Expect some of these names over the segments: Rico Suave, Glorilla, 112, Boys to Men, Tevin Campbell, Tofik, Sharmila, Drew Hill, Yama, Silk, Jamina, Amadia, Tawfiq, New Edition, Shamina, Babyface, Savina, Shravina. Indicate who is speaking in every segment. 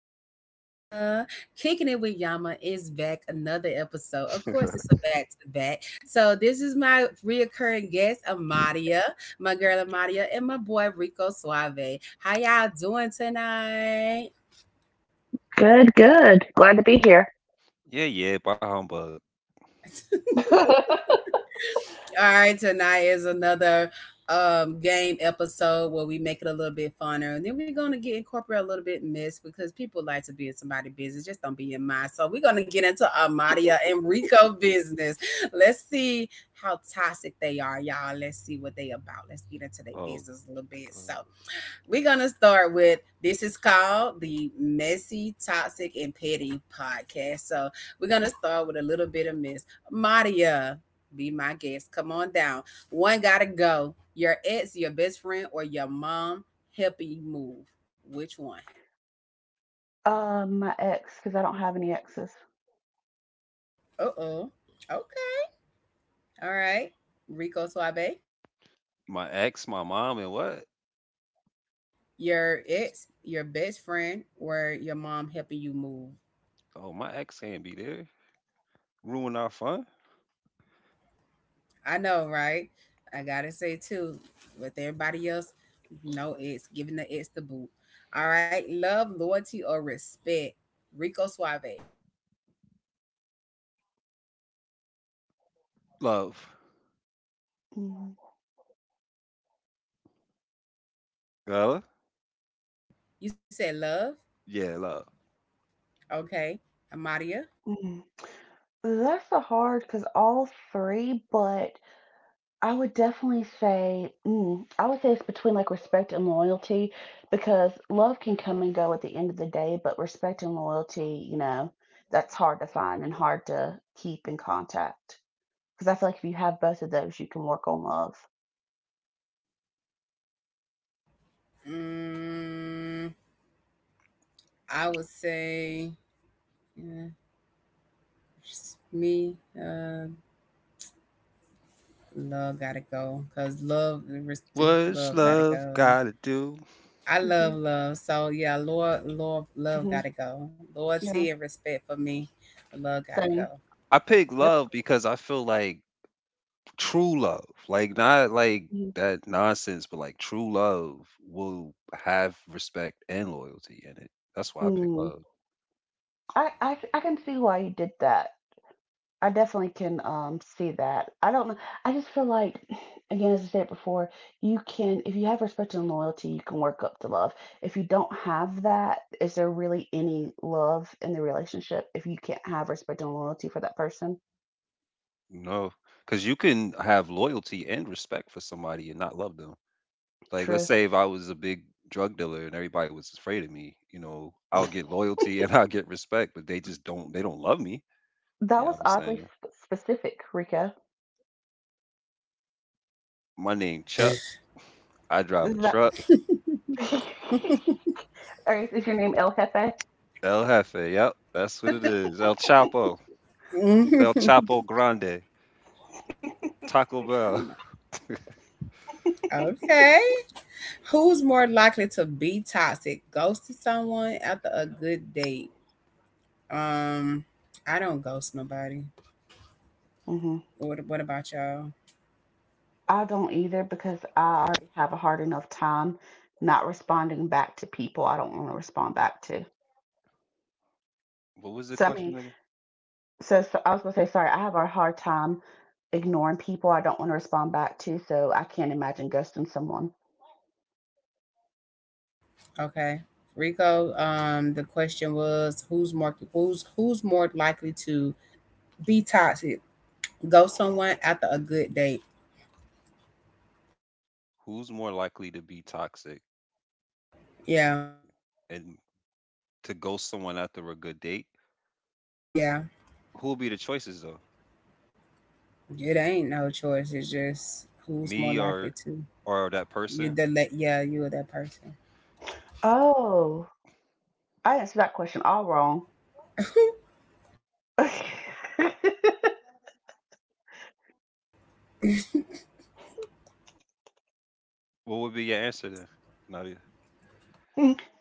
Speaker 1: Yama. Kicking it with Yama is back another episode. Of course, it's a back to back. So this is my reoccurring guest, Amadia, my girl Amadia, and my boy Rico Suave. How y'all doing tonight?
Speaker 2: Good, good. Glad to be here.
Speaker 3: Yeah, yeah, bah humbug.
Speaker 1: All right, tonight is another game episode where we make it a little bit funner. And then we're gonna get incorporate a little bit miss because people like to be in somebody's business, just don't be in mine. So we're gonna get into Amadia and Rico business. Let's see how toxic they are, y'all. Let's see what they about. Let's get into their
Speaker 3: Oh,
Speaker 1: business a little bit. So
Speaker 3: uh,
Speaker 1: we're going to start with this is called the Messy, Toxic, and Petty podcast. So we're going to start with a little bit of Miss Maria. Be my guest. Come on down. One got to go. Your ex, your best friend, or your mom helping you move. Which one?
Speaker 2: My ex, because I don't have any exes.
Speaker 1: Uh oh. Okay. All right. Rico Suave.
Speaker 3: my ex, my mom, and what?
Speaker 1: Your ex, your best friend, or your mom helping you move.
Speaker 3: Oh, my ex can't be there. Ruin our fun.
Speaker 1: I know, right? I gotta say too, with everybody else, no it's giving the it's the boot. All right, love, loyalty, or respect. Rico Suave.
Speaker 3: Love.
Speaker 2: Mm,
Speaker 3: Love?
Speaker 1: You said love,
Speaker 3: Yeah, love.
Speaker 1: okay? Amadia.
Speaker 2: mm. That's a hard, because all three, but I would definitely say, I would say it's between like respect and loyalty, because love can come and go at the end of the day, but respect and loyalty, you know, that's hard to find and hard to keep in contact. Because I feel like if you have both of those, you can work on love.
Speaker 1: Mm, I would say yeah, just me. Love gotta go because res-
Speaker 3: What's
Speaker 1: love gotta
Speaker 3: love
Speaker 1: go.
Speaker 3: gotta do?
Speaker 1: I love
Speaker 2: Mm-hmm.
Speaker 1: love, so yeah, Lord, Lord, love
Speaker 2: Hmm.
Speaker 1: gotta go. Loyalty
Speaker 2: Yeah.
Speaker 1: and respect for me. Love gotta go.
Speaker 2: Same.
Speaker 3: I pick
Speaker 2: Yep.
Speaker 3: love because I feel like true love, like not like that nonsense, but like true love will have respect and loyalty in it. That's why I pick
Speaker 2: Mm-hmm.
Speaker 3: love.
Speaker 2: I can see why you did that. I definitely can see that. I don't know. I just feel like, again, as I said before, you can if you have respect and loyalty, you can work up to love. If you don't have that, is there really any love in the relationship if you can't have respect and loyalty for that person?
Speaker 3: No, because you can have loyalty and respect for somebody and not love them. Like, let's
Speaker 2: True.
Speaker 3: say if I was a big drug dealer and everybody was afraid of me, you know, I'll get loyalty and I'll get respect, but they just don't, they don't love me.
Speaker 2: That
Speaker 3: You know what
Speaker 2: was
Speaker 3: I'm
Speaker 2: oddly
Speaker 3: saying?
Speaker 2: specific, Rika.
Speaker 3: My name Chuck. I drive
Speaker 2: Is
Speaker 3: a
Speaker 2: that?
Speaker 3: truck.
Speaker 2: Or is your name El Jefe?
Speaker 3: El Jefe. Yep, that's what it is. El Chapo. El Chapo Grande. Taco Bell.
Speaker 1: Okay. Who's more likely to be toxic? Ghosting someone after a good date? Um, I don't ghost nobody.
Speaker 2: Hmm.
Speaker 1: What about y'all?
Speaker 2: I don't either because I already have a hard enough time not responding back to people I don't want to respond back to.
Speaker 3: What was the
Speaker 2: So I
Speaker 3: question
Speaker 2: mean,
Speaker 3: again?
Speaker 2: so I was gonna say sorry. I have a hard time ignoring people I don't want to respond back to. So I can't imagine ghosting someone.
Speaker 1: Okay, Rico. The question was who's more likely to be toxic? Ghost someone after a good date?
Speaker 3: Who's more likely to be toxic
Speaker 1: Yeah,
Speaker 3: and to ghost someone after a good date?
Speaker 1: yeah.
Speaker 3: Who would be the choices though?
Speaker 1: It ain't no choice. It's just who's more
Speaker 3: Me
Speaker 1: likely
Speaker 3: or
Speaker 1: to.
Speaker 3: or that person?
Speaker 1: Yeah, you're that
Speaker 2: Oh, I answered that question all wrong.
Speaker 1: person.
Speaker 3: What would be your answer then? Nadia?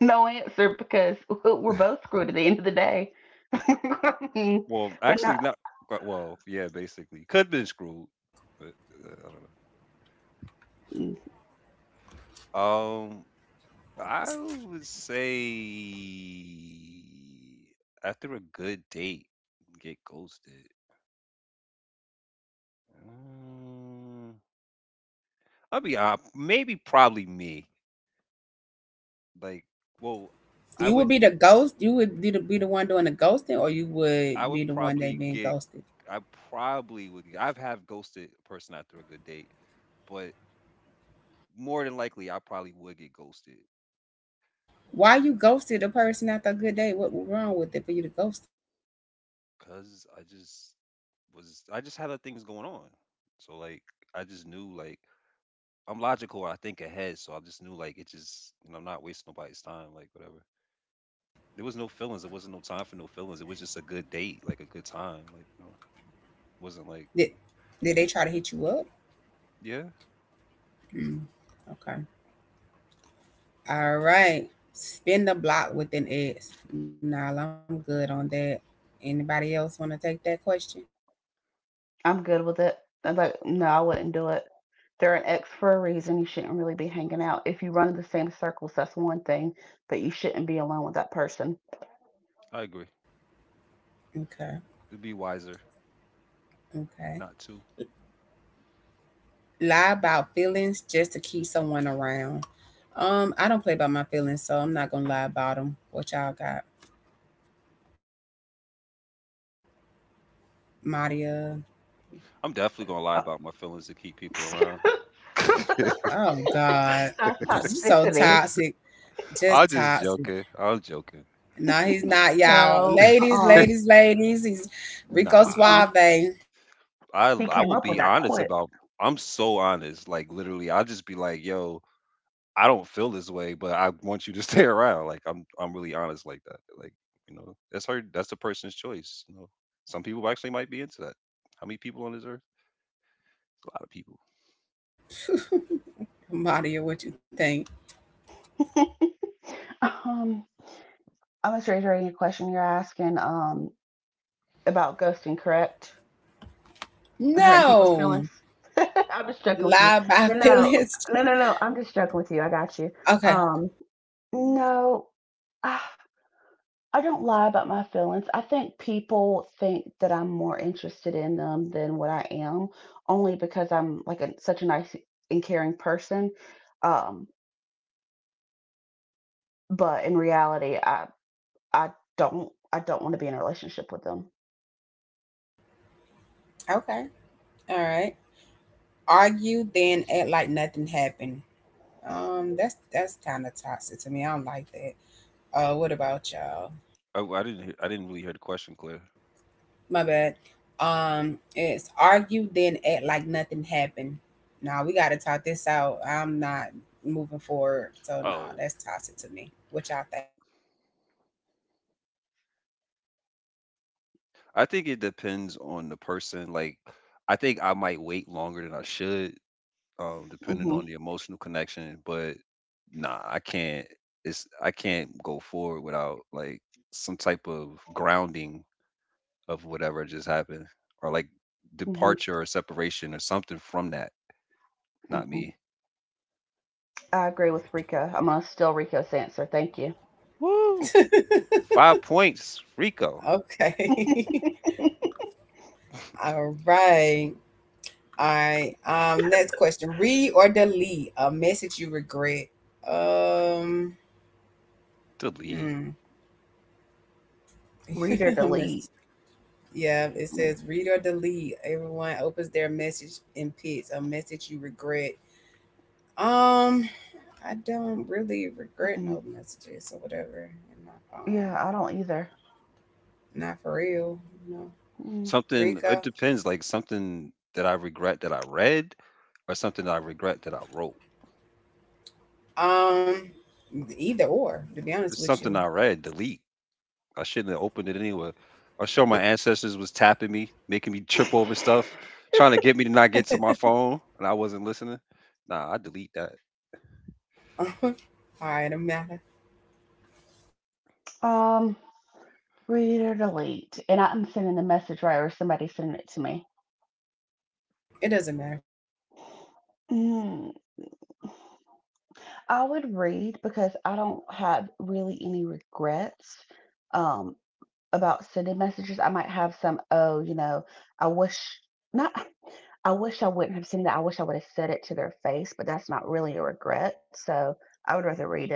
Speaker 2: No answer because we're both screwed at the end of the day.
Speaker 3: Well,
Speaker 2: But
Speaker 3: actually, not. Well, yeah, basically, could have been screwed, but uh,
Speaker 2: no,
Speaker 3: I don't know. I would say after a good date, get ghosted. Um, I'll be honest. Maybe probably me. Like, well, I
Speaker 1: You would
Speaker 3: wouldn't.
Speaker 1: be the ghost. You would be the, one doing the ghosting, or you
Speaker 3: I
Speaker 1: would be
Speaker 3: would
Speaker 1: the one that
Speaker 3: probably
Speaker 1: being
Speaker 3: get.
Speaker 1: ghosted.
Speaker 3: I probably would. I've have ghosted a person after a good date, but more than likely, I probably would get ghosted.
Speaker 1: Why you ghosted a person after a good day? What was wrong with it for you to ghost them?
Speaker 3: Cause I just had other things going on. So like I just knew like I'm logical. I think ahead. So I just knew like it just you know I'm not wasting nobody's time. Like whatever. There was no feelings. There wasn't no time for no feelings. It was just a good date, like a good time. Like you know, wasn't like
Speaker 1: Did did they try to hit you up?
Speaker 3: yeah.
Speaker 1: Hmm. Okay. All right. Spin the block with an X. Nah, I'm good on that. Anybody else want to take that question?
Speaker 2: I'm good with it. I'm like, no, I wouldn't do it. They're an ex for a reason. You shouldn't really be hanging out. If you run in the same circles, that's one thing, but you shouldn't be alone with that person.
Speaker 3: I agree.
Speaker 1: Okay.
Speaker 3: It'd be wiser
Speaker 1: Okay.
Speaker 3: not to.
Speaker 1: Lie about feelings just to keep someone around. I don't play by my feelings, so I'm not gonna lie about them. What y'all got, Maria?
Speaker 3: I'm definitely gonna lie
Speaker 2: Uh,
Speaker 3: about my feelings to keep people around.
Speaker 1: Oh God,
Speaker 2: that's
Speaker 1: he's so
Speaker 2: toxicity.
Speaker 1: toxic. Just
Speaker 3: I'm just
Speaker 1: toxic.
Speaker 3: joking. I'm joking.
Speaker 1: No, he's not, y'all.
Speaker 2: No,
Speaker 1: Ladies, ladies, ladies. He's Rico
Speaker 3: Nah,
Speaker 2: uh,
Speaker 1: Suave.
Speaker 3: I
Speaker 2: He
Speaker 3: I
Speaker 2: came
Speaker 3: will
Speaker 2: up with
Speaker 3: be
Speaker 2: that
Speaker 3: honest
Speaker 2: quick.
Speaker 3: about. I'm so honest. Like literally, I'll just be like, yo, I don't feel this way, but I want you to stay around. Like I'm really honest like that. Like, you know, that's the person's choice. You know, some people actually might be into that. How many people on this earth? A lot of people.
Speaker 1: Maria, what you think?
Speaker 2: um, I was reiterating a question you're asking, about ghosting, correct? And hurting people's
Speaker 1: No,
Speaker 2: feelings. I'm just joking with you.
Speaker 1: lie about
Speaker 2: No, no,
Speaker 1: feelings.
Speaker 2: no. I'm just joking with you. I got you.
Speaker 1: Okay,
Speaker 2: Um, no, ah, I don't lie about my feelings. I think people think that I'm more interested in them than what I am, only because I'm like a, such a nice and caring person. Um, but in reality, I don't want to be in a relationship with them.
Speaker 1: okay, all right. Argue, then act like nothing happened. That's kind of toxic to me. I don't like that. What about y'all?
Speaker 3: I didn't really hear the question clear.
Speaker 1: My bad. It's argue then act like nothing happened. Nah, we gotta talk this out. I'm not moving forward. So no, nah,
Speaker 3: Oh,
Speaker 1: that's toxic to me. What y'all
Speaker 3: I think it depends on the person. Like, I think I might wait longer than I should, depending
Speaker 2: Hmm.
Speaker 3: on the emotional connection. But nah, I can't. It's I can't go forward without like some type of grounding of whatever just happened, or like
Speaker 2: Hmm.
Speaker 3: departure or separation or something from that. Not
Speaker 2: Hmm.
Speaker 3: me.
Speaker 2: I agree with Rico. I'm gonna steal Rico's answer. Thank you.
Speaker 3: Woo! Five points, Rico.
Speaker 1: think? Okay. All right. All right. Next question. Read or delete a message you regret. Um,
Speaker 3: Delete
Speaker 1: hmm.
Speaker 2: Read or
Speaker 1: A message.
Speaker 2: delete.
Speaker 1: Yeah, it says read or delete. Everyone opens their message and picks a message you regret. Um, I don't really regret no
Speaker 2: Mm-mm.
Speaker 1: messages or whatever in my phone.
Speaker 2: Yeah, I don't either.
Speaker 1: Not for real, you know.
Speaker 2: Mm.
Speaker 3: something. It
Speaker 1: Rico.
Speaker 3: depends. Like something that I regret that I read, or something that I regret that I wrote.
Speaker 1: Um, either or, to be honest
Speaker 3: It's
Speaker 1: with you.
Speaker 3: something I read. Delete. I shouldn't have opened it anyway. I'm sure my ancestors was tapping me, making me trip over stuff, trying to get me to not get to my phone, and I wasn't listening. Nah, I delete that.
Speaker 1: All right, it doesn't matter.
Speaker 2: Um, read or delete. And I'm sending the message right, or somebody sending it to me.
Speaker 1: It doesn't matter.
Speaker 2: Mm, I would read because I don't have really any regrets um, about sending messages. I might have some, oh, you know, I wish not. I wish I wouldn't have seen that. I wish I would have said it to their face, but that's not really a regret. So I would rather read it,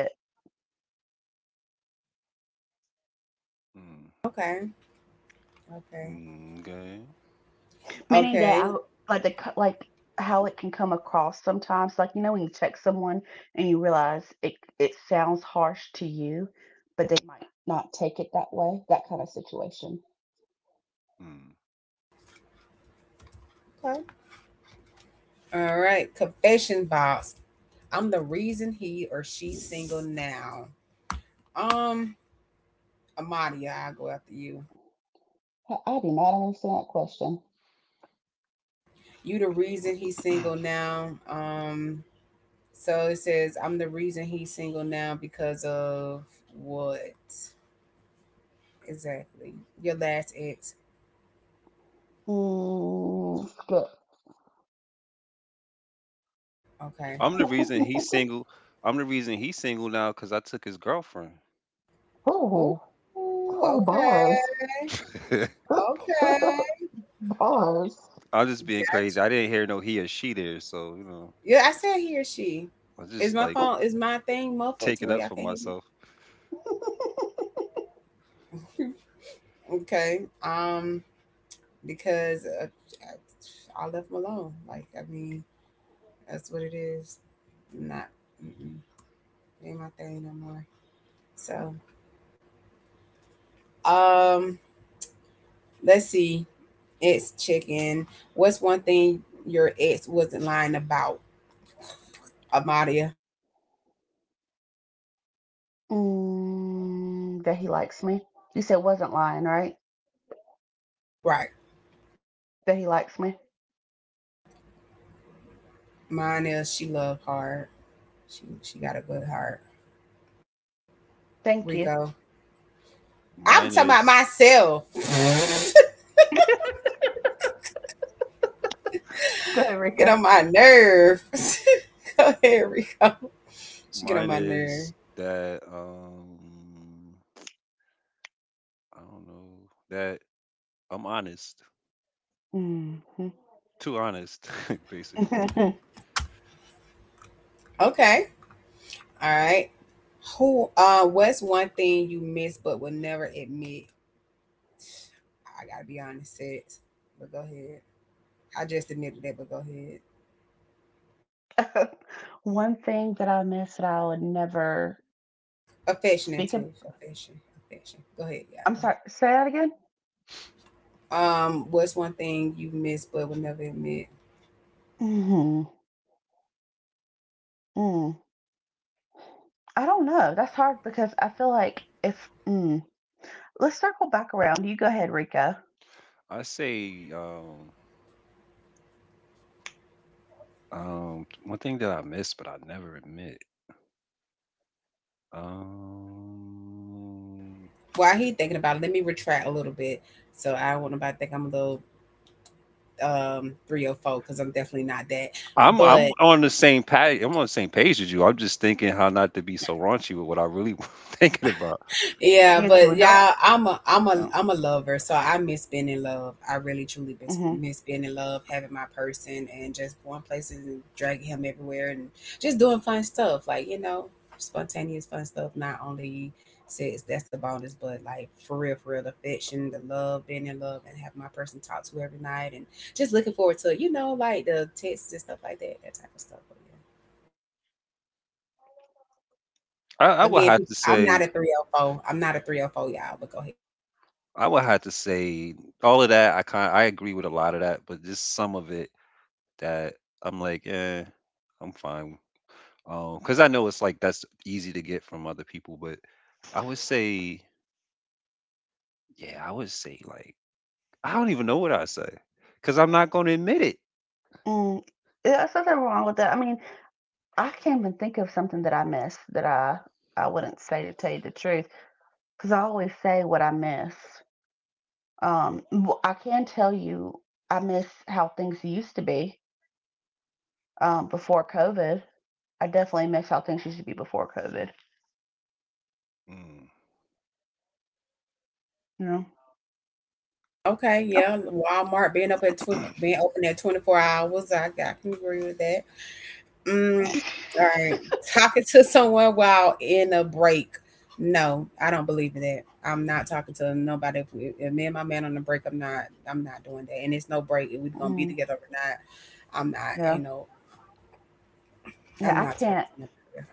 Speaker 3: Mm.
Speaker 1: Okay, okay,
Speaker 3: Okay.
Speaker 2: meaning that
Speaker 1: okay,
Speaker 2: I like like how it can come across sometimes. Like you know when you text someone and you realize it sounds harsh to you, but they might not take it that way. That kind of situation.
Speaker 3: Mm.
Speaker 1: okay. All right, confession box. I'm the reason he or she's single now. Um, Amadi, I'll go after you.
Speaker 2: I do not understand that question.
Speaker 1: You the reason he's single now. So it says I'm the reason he's single now because of what exactly? Your last ex.
Speaker 2: Mm, good.
Speaker 1: Okay.
Speaker 3: I'm the reason he's single. I'm the reason he's single now because I took his girlfriend.
Speaker 1: Oh,
Speaker 2: Oh, oh, bars.
Speaker 1: okay. Okay.
Speaker 2: Bars.
Speaker 3: I'm just being crazy.
Speaker 1: Gotcha.
Speaker 3: I didn't hear no he or she there, so you know,
Speaker 1: Yeah, I said he or she.
Speaker 3: I just like
Speaker 1: Is my thing muffled to
Speaker 3: taking
Speaker 1: where
Speaker 3: up
Speaker 1: y'all
Speaker 3: for
Speaker 1: can't hear me?
Speaker 3: myself.
Speaker 1: Okay. Um, I left him alone. I mean, that's what it is. I'm not. Mm-mm, it ain't my thing no more. So, um, let's see. Ex chicken. What's one thing your ex wasn't lying about? Amadia.
Speaker 2: Mm, that he likes me. You said wasn't lying, right?
Speaker 1: Right.
Speaker 2: That he likes me.
Speaker 1: Mine is she loved hard. She got a good heart.
Speaker 2: Thank you.
Speaker 1: Rico. I'm
Speaker 3: Mine
Speaker 1: talking about
Speaker 3: is
Speaker 1: myself.
Speaker 2: Go ahead,
Speaker 1: Get
Speaker 2: Rika.
Speaker 1: on my nerve. Go ahead, Rico. She get on
Speaker 3: mine
Speaker 1: my nerve.
Speaker 3: is that I don't know that I'm honest,
Speaker 2: Hmm.
Speaker 3: too honest, basically.
Speaker 1: Okay. All right. Who what's one thing you miss but will never admit? I gotta be honest, sex. But go ahead. I just admitted that, but go ahead.
Speaker 2: One thing that I miss that I would never
Speaker 1: Affection and
Speaker 2: speak of.
Speaker 1: too. Affection. Affection. Go ahead, yeah,
Speaker 2: I'm
Speaker 1: go
Speaker 2: sorry,
Speaker 1: ahead.
Speaker 2: say that again?
Speaker 1: What's one thing you miss but will never admit?
Speaker 2: Hmm. Mm. I don't know. That's hard because I feel like if. Mm. Let's circle back around. You go ahead, Rico.
Speaker 3: I say one thing that I miss but I never admit. Um
Speaker 1: While he thinking about it, let me retract a little bit. So I don't want nobody to think I'm a little 304 because I'm definitely not that.
Speaker 3: I'm
Speaker 1: But.
Speaker 3: on the same page. I'm on the same page as you. I'm just thinking how not to be so raunchy with what I really thinking about.
Speaker 1: Yeah,
Speaker 2: Yeah, because
Speaker 1: but
Speaker 2: we don't.
Speaker 1: yeah,
Speaker 2: No.
Speaker 1: I'm a lover, so I miss being in love. I really truly
Speaker 2: Mm-hmm.
Speaker 1: miss being in love, having my person, and just going places and dragging him everywhere, and just doing fun stuff, like you know, spontaneous fun stuff. Not only sex, that's the bonus, but like for real, the affection, the love, being in love, and having my person talk to every night, and just looking forward to you know, like the texts and stuff like that, that type of stuff. But yeah.
Speaker 3: I, I would have to
Speaker 1: I'm not
Speaker 3: say
Speaker 1: a 304. I'm not a 304, y'all, but go ahead.
Speaker 3: I would have to say all of that. I agree with a lot of that, but just some of it that I'm like, I'm fine. Because I know it's like that's easy to get from other people, but I would say, yeah, I would say like I don't even know what I say because I'm not going to admit it.
Speaker 2: Mm. Yeah, there's nothing wrong with that. I mean, I can't even think of something that I missed that I wouldn't say to tell you the truth because I always say what I miss. I can tell you I miss how things used to be, before COVID. I definitely miss how things used to be before COVID.
Speaker 3: Mm.
Speaker 2: You know?
Speaker 1: Okay,
Speaker 2: Okay.
Speaker 1: yeah, Walmart being up at twen being open at 24 hours, I can agree with that. Mm, alright, talking to someone while in a break. No, I don't believe in that. I'm not talking to nobody. If me and my man on the break, I'm not. I'm not doing that. And it's no break. If we're gonna be
Speaker 2: Mm,
Speaker 1: together or not, I'm not.
Speaker 2: yeah.
Speaker 1: Ain't no.
Speaker 2: Yeah.
Speaker 1: I'm
Speaker 2: I
Speaker 1: not talking
Speaker 2: can't.
Speaker 1: to nobody.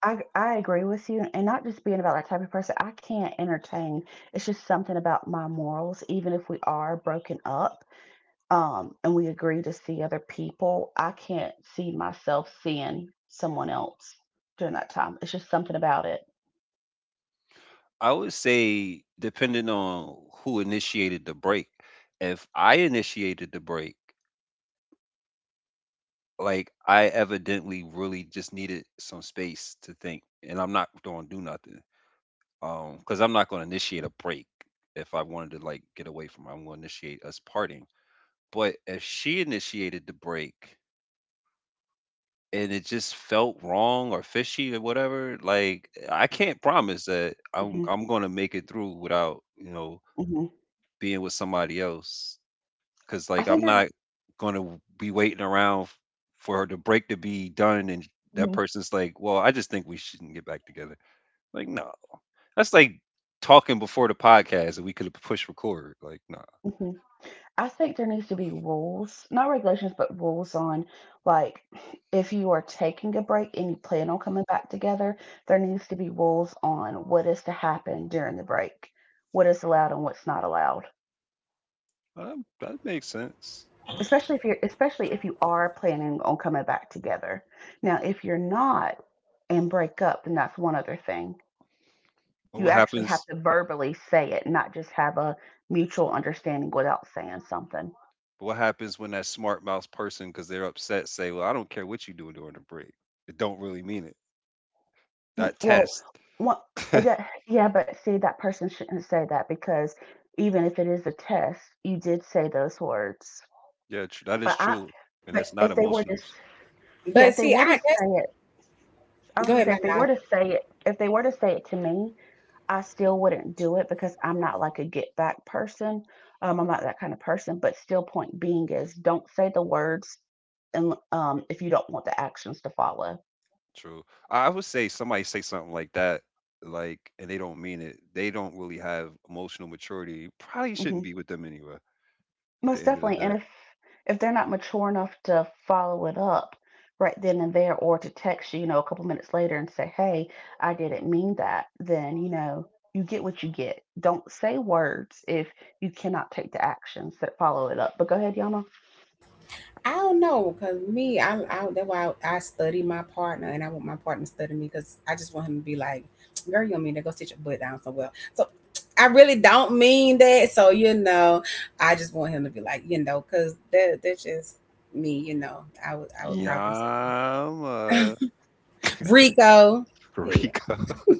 Speaker 2: I agree with you, and not just being about that type of person. I can't entertain. It's just something about my morals, even if we are broken up. Um, and we agree to see other people, I can't see myself seeing someone else during that time. It's just something about it.
Speaker 3: I would say depending on who initiated the break. If I initiated the break, like I evidently really just needed some space to think, and I'm not going to do nothing, because I'm not going to initiate a break if I wanted to like get away from her, I'm going to initiate us parting. But if she initiated the break and it just felt wrong or fishy or whatever, like I can't promise that I'm
Speaker 2: Mhm,
Speaker 3: I'm going to make it through without
Speaker 2: mhm.
Speaker 3: being with somebody else because
Speaker 2: I
Speaker 3: like
Speaker 2: think
Speaker 3: I'm
Speaker 2: there
Speaker 3: not going to be waiting around for the break to be done, and that
Speaker 2: Mhm,
Speaker 3: person's like, "Well, I just think we shouldn't get back together." Like, no, that's like talking before the podcast, that we could have pushed record. Like, nah,
Speaker 2: mhm. I think there needs to be rules, not regulations, but rules on, like, if you are taking a break and you plan on coming back together, there needs to be rules on what is to happen during the break, what is allowed and what's not allowed.
Speaker 3: that, that makes sense.
Speaker 2: Especially if you are planning on coming back together. Now if you're not and break up, then that's one other thing.
Speaker 3: But
Speaker 2: You
Speaker 3: what
Speaker 2: actually have
Speaker 3: happens?
Speaker 2: to verbally say it, not just have a mutual understanding without saying something.
Speaker 3: But what happens when that smart mouse person, because they're upset, say, "Well, I don't care what you do during the break. It don't really mean it."
Speaker 2: Mm,
Speaker 3: That
Speaker 2: well
Speaker 3: test,
Speaker 2: what it do- yeah, but see, that person shouldn't say that because even if it is a test, you did say those words.
Speaker 3: yeah, that is
Speaker 2: But I
Speaker 3: true, and
Speaker 2: but
Speaker 3: that's not
Speaker 2: If they were
Speaker 3: emotional.
Speaker 2: yeah,
Speaker 1: But
Speaker 2: if they
Speaker 1: see,
Speaker 2: were
Speaker 1: I
Speaker 2: to
Speaker 1: that's
Speaker 2: say it, I was
Speaker 1: Go
Speaker 2: gonna
Speaker 1: ahead,
Speaker 2: say
Speaker 1: man.
Speaker 2: if they were to say it if they were to say it to me, I still wouldn't do it because I'm not like a get back person. I'm not that kind of person. But still, point being is don't say the words, and if you don't want the actions to follow,
Speaker 3: True. I would say somebody say something like that, like, and they don't mean it. They don't really have emotional maturity. Probably shouldn't
Speaker 2: hmm,
Speaker 3: be with them anyway. At the
Speaker 2: most
Speaker 3: end of the
Speaker 2: definitely.
Speaker 3: day,
Speaker 2: And if they're not mature enough to follow it up right then and there, or to text you, you know, a couple minutes later and say, "Hey, I didn't mean that," then you know you get what you get. Don't say words if you cannot take the actions that follow it up. But go ahead, Yana.
Speaker 1: I don't know, cause me, I that's why I study my partner, and I want my partner to study me, cause I just want him to be like, "Girl, you don't mean to go sit your butt down somewhere." So I really don't mean that. So you know, I just want him to be like, you know, cause that's just me. You know, I would
Speaker 2: Mhm.
Speaker 1: probably say
Speaker 3: Yama.
Speaker 1: Rico. Hell,
Speaker 3: Rico.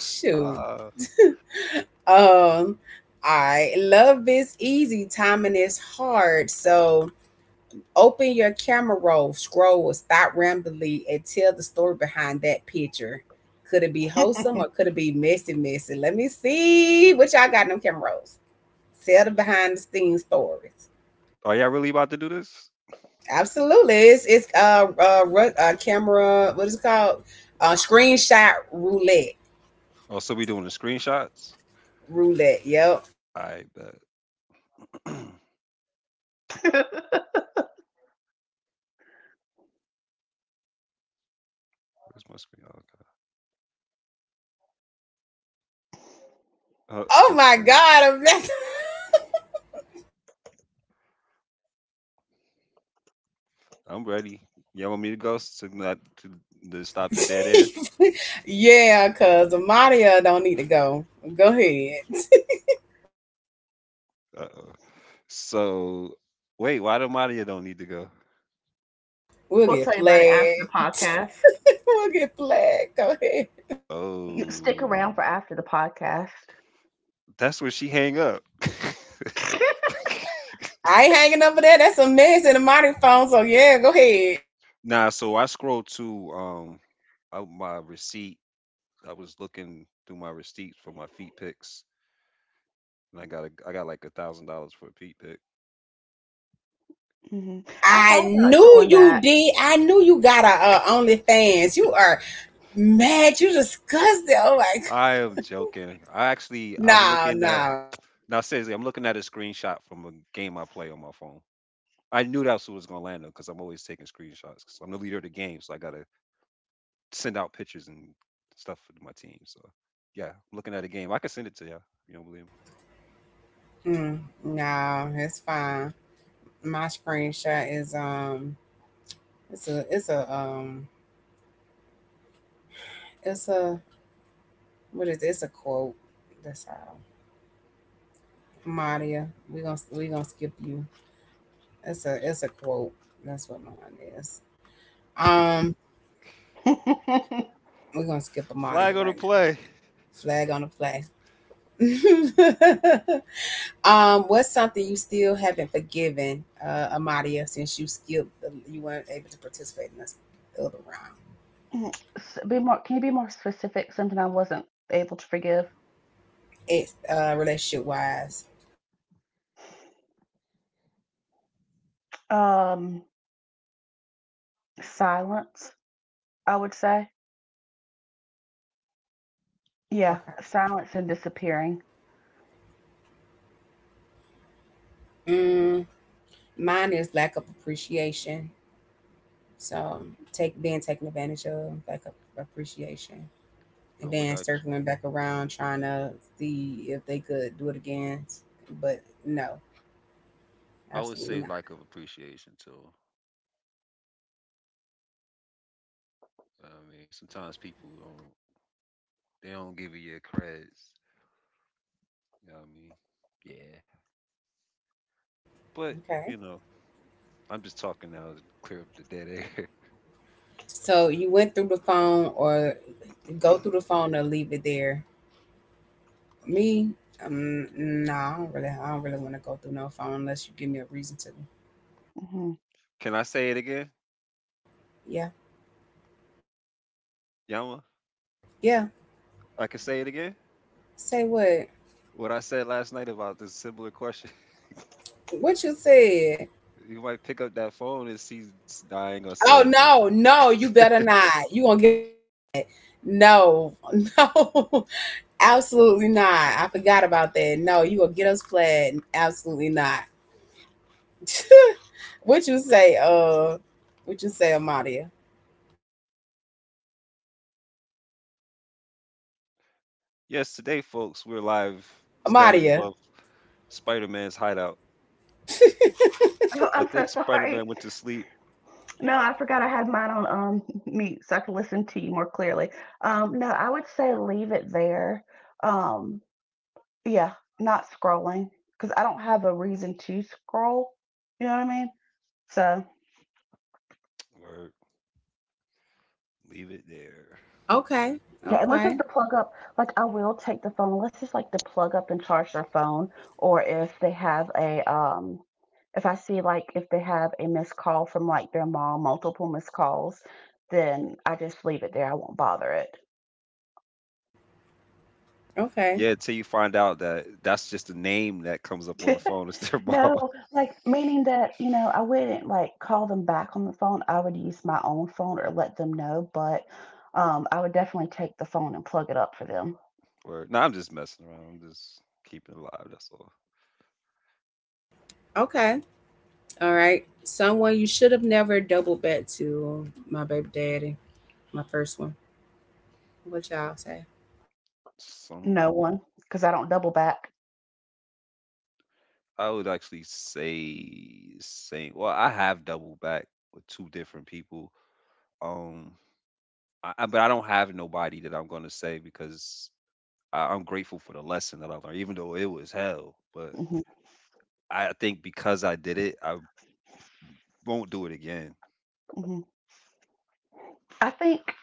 Speaker 1: shoot.
Speaker 3: uh,
Speaker 1: Um, all right. Love is easy. Timing is hard. So open your camera roll, scroll, or stop randomly and tell the story behind that picture. Could it be wholesome or could it be messy, messy? Let me see what y'all got in them camera rolls. Tell the behind the scenes stories.
Speaker 3: are y'all really about to do this?
Speaker 1: Absolutely, it's camera. What is it called? Screenshot roulette.
Speaker 3: Oh, so we doing the screenshots?
Speaker 1: Roulette. Yep.
Speaker 3: I bet. Where's my screen? Oh, okay. Oh,
Speaker 1: Oh
Speaker 3: that's
Speaker 1: my
Speaker 3: funny.
Speaker 1: God, Amanda.
Speaker 3: I'm ready. Y'all want me to go s- to not to, to stop the dead air?
Speaker 1: Yeah, cause Amadia don't need to go. Go ahead.
Speaker 3: Uh oh. So wait, why do Maria don't need to go?
Speaker 1: We'll
Speaker 2: We'll
Speaker 1: get
Speaker 2: tell you about it after the
Speaker 1: flagged.
Speaker 2: podcast.
Speaker 1: We'll get flagged. Go ahead.
Speaker 2: You stick
Speaker 3: Oh,
Speaker 2: around for after the podcast.
Speaker 3: that's when she hang up.
Speaker 1: I ain't hanging over there. That's a mess in the modern phone. So yeah, go ahead.
Speaker 3: Nah, so I scrolled to my receipt. I was looking through my receipts for my feet pics, and I got like $1,000 for a feet pic.
Speaker 2: Mhm. I
Speaker 1: I
Speaker 2: thought about
Speaker 1: knew
Speaker 2: doing
Speaker 1: you
Speaker 2: that.
Speaker 1: did. I knew you got a OnlyFans. You are mad. You disgusting.
Speaker 3: I am joking. I actually, I'm
Speaker 1: No,
Speaker 3: looking at
Speaker 1: no,
Speaker 3: now. Seriously, I'm looking at a screenshot from a game I play on my phone. I knew that's what was gonna land on because I'm always taking screenshots because I'm the leader of the game, so I gotta send out pictures and stuff for my team. So yeah, I'm looking at a game. I could send it to y'all. You don't believe me?
Speaker 1: mm, no. It's fine. My screenshot is. It's a. It's a um. It's a. What is it? It's a quote. That's all. Maria, we gonna skip you. It's a quote. That's what mine is. Um. We're gonna skip the audio
Speaker 3: Flag on the
Speaker 1: right now.
Speaker 3: play.
Speaker 1: Flag on the flag. Um, what's something you still haven't forgiven, Amadia, since you skipped, you weren't able to participate in this other round?
Speaker 2: Be more. Can you be more specific? Something I wasn't able to forgive.
Speaker 1: It's relationship wise.
Speaker 2: Um, silence. I would say. Yeah,
Speaker 1: Okay.
Speaker 2: silence and disappearing.
Speaker 1: Mm, mine is lack of appreciation. So take being taken advantage of, lack of appreciation, and
Speaker 3: I would
Speaker 1: then
Speaker 3: like
Speaker 1: circling back around trying to see if they could do it again, but no,
Speaker 3: I would
Speaker 1: absolutely
Speaker 3: say
Speaker 1: not.
Speaker 3: lack of appreciation too. I mean, sometimes people don't they don't give you your credits. You know what I mean? Yeah. But you
Speaker 1: Okay.
Speaker 3: know, I'm just talking now to clear up the dead air.
Speaker 1: So you went through the phone or go through the phone or leave it there. Me, no, I don't really want to go through no phone unless you give me a reason to.
Speaker 2: Mhm.
Speaker 3: Can I say it again,
Speaker 1: Yeah,
Speaker 3: Yama?
Speaker 1: yeah.
Speaker 3: I can say it again.
Speaker 1: Say what?
Speaker 3: What I said last night about this similar question.
Speaker 1: What you said?
Speaker 3: You might pick up that phone and see. I ain't gonna say
Speaker 1: Oh
Speaker 3: it, but...
Speaker 1: no, no, you better not. You gonna get no, no, absolutely not. I forgot about that. No, you gonna get us flat? Absolutely not. What you say? What you say, Amadia?
Speaker 3: Yes, today, folks, we're live standing
Speaker 1: Amadia.
Speaker 3: above Spider Man's hideout.
Speaker 2: Oh,
Speaker 3: I
Speaker 2: I'm so
Speaker 3: think Spider Man
Speaker 2: sorry.
Speaker 3: went to sleep,
Speaker 2: No, I forgot I had mine on mute so I could listen to you more clearly. No, I would say leave it there. Um, Yeah, not scrolling because I don't have a reason to scroll. You know what I mean? So
Speaker 3: or leave it there.
Speaker 1: Okay,
Speaker 2: yeah, unless
Speaker 1: okay.
Speaker 2: it's to plug up, like I will take the phone unless it's like to plug up and charge their phone, or if they have a if I see like if they have a missed call from like their mom, multiple missed calls, then I just leave it there. I won't bother it.
Speaker 1: Okay.
Speaker 3: Yeah, until you find out that that's just a name that comes up on the phone. It's their mom.
Speaker 2: No, like meaning that, you know, I wouldn't like call them back on the phone. I would use my own phone or let them know, but I would definitely take the phone and plug it up for them.
Speaker 3: Or, no, I'm just messing around. I'm just keeping it alive. That's all.
Speaker 1: Okay. All right. Someone you should have never double bet to my baby daddy, my first one. What y'all say?
Speaker 3: Someone.
Speaker 2: No one, because I don't double back.
Speaker 3: I would actually say, same. Well, I have doubled back with two different people. Um, but I don't have nobody that I'm going to say because I'm grateful for the lesson that I learned, even though it was hell. But
Speaker 2: Hmm.
Speaker 3: I think because I did it, I won't do it again.
Speaker 2: Hmm. I think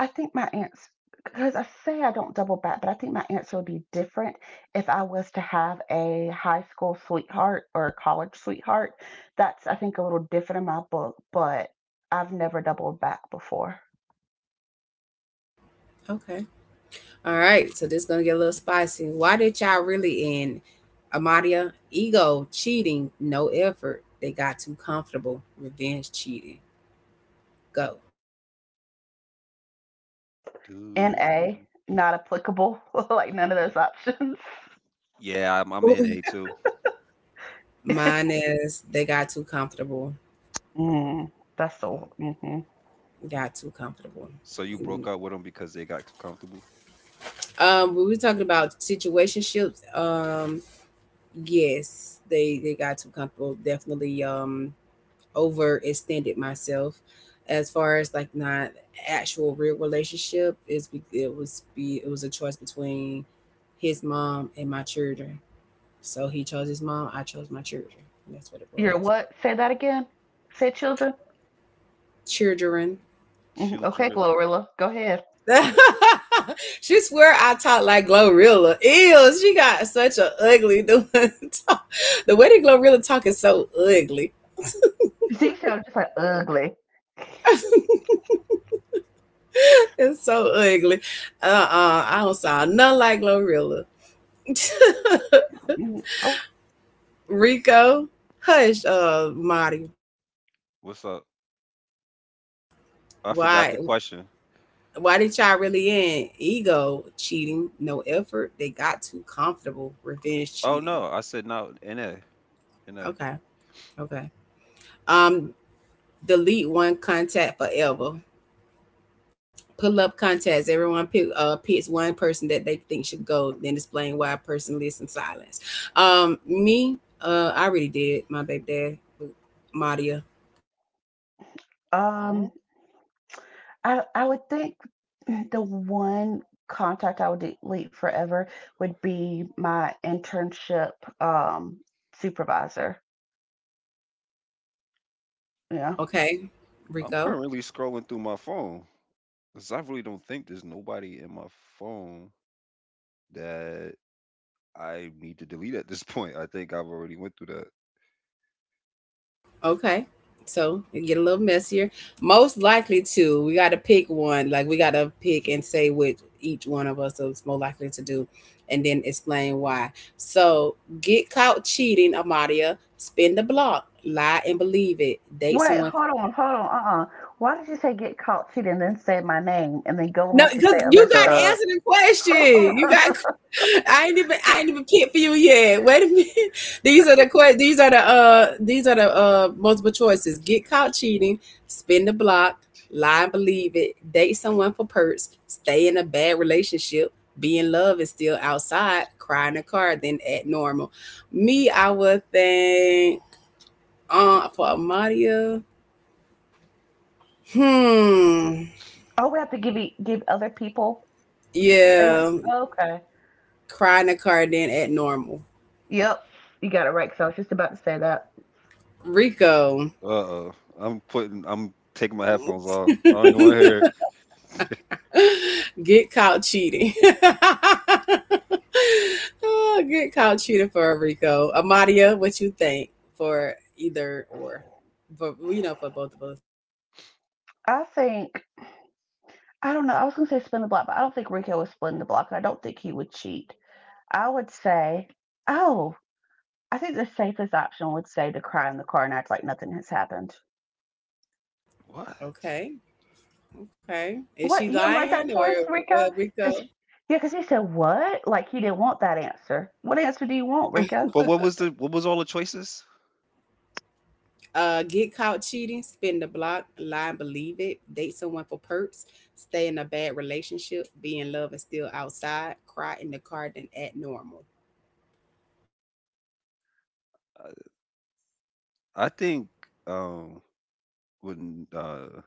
Speaker 2: I think my answer, because I say I don't double back, but I think my answer would be different if I was to have a high school sweetheart or a college sweetheart. That's, I think, a little different in my book, but I've never doubled back before.
Speaker 1: Okay. All right. So this gonna get a little spicy. Why did y'all really end? Amadia, ego, cheating, no effort. They got too comfortable. Revenge cheating. Go.
Speaker 2: NA,
Speaker 3: Dude.
Speaker 2: not applicable, like none of those options.
Speaker 3: Yeah, I'm
Speaker 1: Ooh.
Speaker 3: NA too.
Speaker 1: Mine is they got too comfortable.
Speaker 2: Mm, that's
Speaker 3: Mm.
Speaker 2: so. Hmm.
Speaker 1: Got too comfortable.
Speaker 3: So you
Speaker 1: Mm.
Speaker 3: broke up with them because they got too comfortable?
Speaker 1: We were talking about situationships. Yes, they got too comfortable definitely. Overextended myself as far as like not actual real relationship. Is it was be It was a choice between his mom and my children. So he chose his mom, I chose my children. And that's what it was.
Speaker 2: You're what? Say that again. Say children.
Speaker 1: Children.
Speaker 2: Hmm. Okay,
Speaker 3: Children.
Speaker 2: Glorilla, go ahead.
Speaker 1: She swear I talk like Glorilla. Ew, she got such a ugly the way that Glorilla talk is so ugly.
Speaker 2: She sounds just like ugly.
Speaker 1: It's so ugly. Uh-uh. I don't sound nothing like Glorilla.
Speaker 2: Mhm.
Speaker 1: Rico, hush, Marty.
Speaker 3: What's up? I forgot
Speaker 1: Why
Speaker 3: the question.
Speaker 1: why did y'all really end? Ego cheating, no effort. They got too comfortable. Revenge
Speaker 3: Oh
Speaker 1: cheating.
Speaker 3: no, I said no. NA, NA. Am
Speaker 1: Okay, okay. Um, Delete one contact forever. Pull up contest. Everyone picks one person that they think should go, then displaying why a person lives in silence. Me, I already did my baby dad, Madia.
Speaker 3: I'm
Speaker 2: Um, I would think the one contact I would delete forever would be my internship um supervisor. Yeah.
Speaker 1: Okay,
Speaker 3: I'm
Speaker 1: Rico.
Speaker 3: currently scrolling through my phone because I really don't think there's nobody in my phone that I need to delete at this point. I think I've already went through
Speaker 1: Okay, so it get a little messier. Most likely to, we got to pick one. Like we got to pick and say which each one of us is more likely to do, and then explain why. So get caught cheating, Amadia. Spin the block. Lie and believe it. Date
Speaker 2: Wait,
Speaker 1: someone.
Speaker 2: hold on, hold on. Why did you say get caught cheating, and then say my name, and then go
Speaker 1: No,
Speaker 2: on to
Speaker 1: because
Speaker 2: say other
Speaker 1: you got to
Speaker 2: stuff?
Speaker 3: that.
Speaker 1: answer the question. You got. I ain't even. I ain't even picked for you yet. Wait a minute. These are the que- These are the. These are the. Multiple choices. Get caught cheating. Spin the block. Lie and believe it. Date someone for perks. Stay in a bad relationship. Be in love and still outside. Cry in a car. Then act normal. Me, I would think. For Amadia. Hmm.
Speaker 2: Oh, we have to give other people. That's
Speaker 1: Yeah.
Speaker 2: okay.
Speaker 1: Cry in a car. Then act normal.
Speaker 2: Yep, you got it right. Because I was just about to say that.
Speaker 1: Rico,
Speaker 3: Uh-oh. I'm taking my headphones off. I don't even want to hear it.
Speaker 1: get caught cheating. Oh, get caught cheating for a Rico. Amadia, what you think for either or? But you know, for both of us.
Speaker 2: I think I don't know. I was gonna say spin the block, but I don't think Rico would spin the block, and I don't think he would cheat. I would say, oh, I think the safest option would say to cry in the car and act like nothing has happened.
Speaker 3: What?
Speaker 1: Okay, okay. Is she
Speaker 2: What, you don't
Speaker 1: lying
Speaker 2: like that
Speaker 1: or
Speaker 2: choice,
Speaker 1: what,
Speaker 2: Rico?
Speaker 1: Rico?
Speaker 2: Because yeah, because he said what? Like he didn't want that answer. What answer do you want, Rico?
Speaker 3: But what was all the choices?
Speaker 1: Get caught cheating, spin the block, lie and believe it, date someone for perks, stay in a bad relationship, be in love and still outside, cry in the car, then act normal.
Speaker 3: I think um when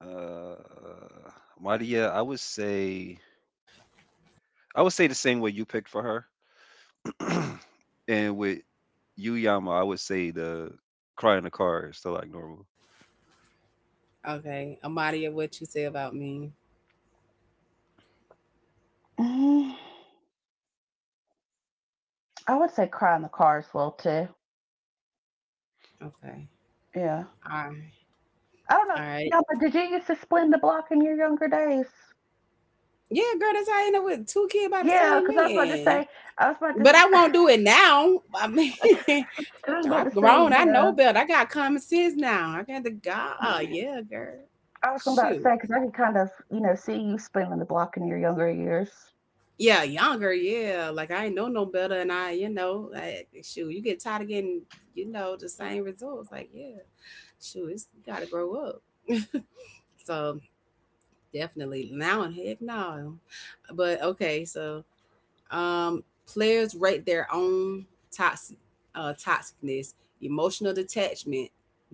Speaker 3: uh Maria, I would say the same way you picked for her. And with Yuyama, I would say the cry in the car is still like normal.
Speaker 1: Okay, Amadia, what you say about me?
Speaker 2: Mm, I would say cry in the car as well too.
Speaker 1: Okay,
Speaker 2: Yeah,
Speaker 1: all right,
Speaker 2: I don't
Speaker 1: all
Speaker 2: know.
Speaker 1: right.
Speaker 2: Yeah, but did you used to split the block in your younger days?
Speaker 1: Yeah, girl, that's how I end up with two kids by the
Speaker 2: Yeah,
Speaker 1: same
Speaker 2: because I was about to
Speaker 1: man.
Speaker 2: say, I was about to,
Speaker 1: But I
Speaker 2: 'cause
Speaker 1: won't do it now. I mean,
Speaker 2: I was about
Speaker 1: I've
Speaker 2: to say,
Speaker 1: grown.
Speaker 2: you
Speaker 1: I know
Speaker 2: know,
Speaker 1: better. I got common sense now. I got the God. Yeah, girl.
Speaker 2: I was about to
Speaker 1: Shoot.
Speaker 2: say because I can kind of, you know, see you spinning the block in your younger years.
Speaker 1: Yeah, younger. Yeah, like I ain't know no better, and I, you know, like, shoot, you get tired of getting, you know, the same results. Like, yeah, shoot, it's, you gotta grow up. So definitely. Now and heck no. But okay, so um players rate their own toxic toxicness, emotional detachment,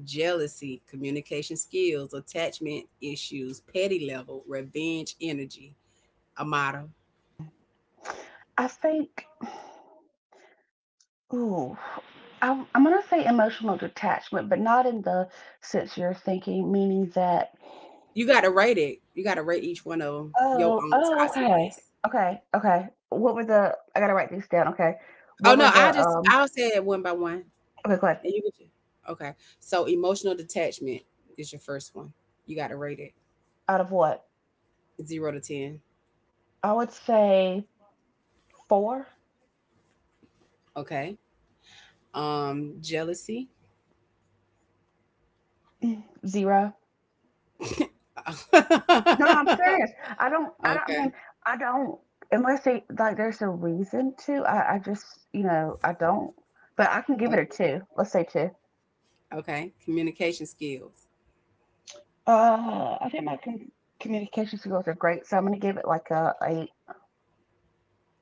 Speaker 1: jealousy, communication skills, attachment issues, petty level, revenge energy, a model.
Speaker 2: I think, ooh, I'm going to say emotional detachment, but not in the sense you're thinking, meaning that,
Speaker 1: You gotta rate it. You gotta rate each one of them your
Speaker 2: oh,
Speaker 1: own
Speaker 2: oh, okay,
Speaker 1: toxicness.
Speaker 2: okay, okay. What were the? I gotta write these down. Okay,
Speaker 1: Oh
Speaker 2: what were
Speaker 1: no,
Speaker 2: the?
Speaker 1: I just I'll say it one by one,
Speaker 2: Okay, go ahead.
Speaker 1: and you can. Ju-. Okay, so emotional detachment is your first one. You gotta rate it
Speaker 2: Out of what?
Speaker 1: zero to ten.
Speaker 2: I would say four,
Speaker 1: Okay. Jealousy.
Speaker 2: zero. No, no, I'm serious. I don't, I
Speaker 1: Okay.
Speaker 2: mean, I don't, unless they, like, there's a reason to, I just, you know, I don't, but I can give
Speaker 1: O
Speaker 2: it a two. Let's say two.
Speaker 1: Okay. Communication skills,
Speaker 2: I think my communication skills are great, so I'm going to give it like a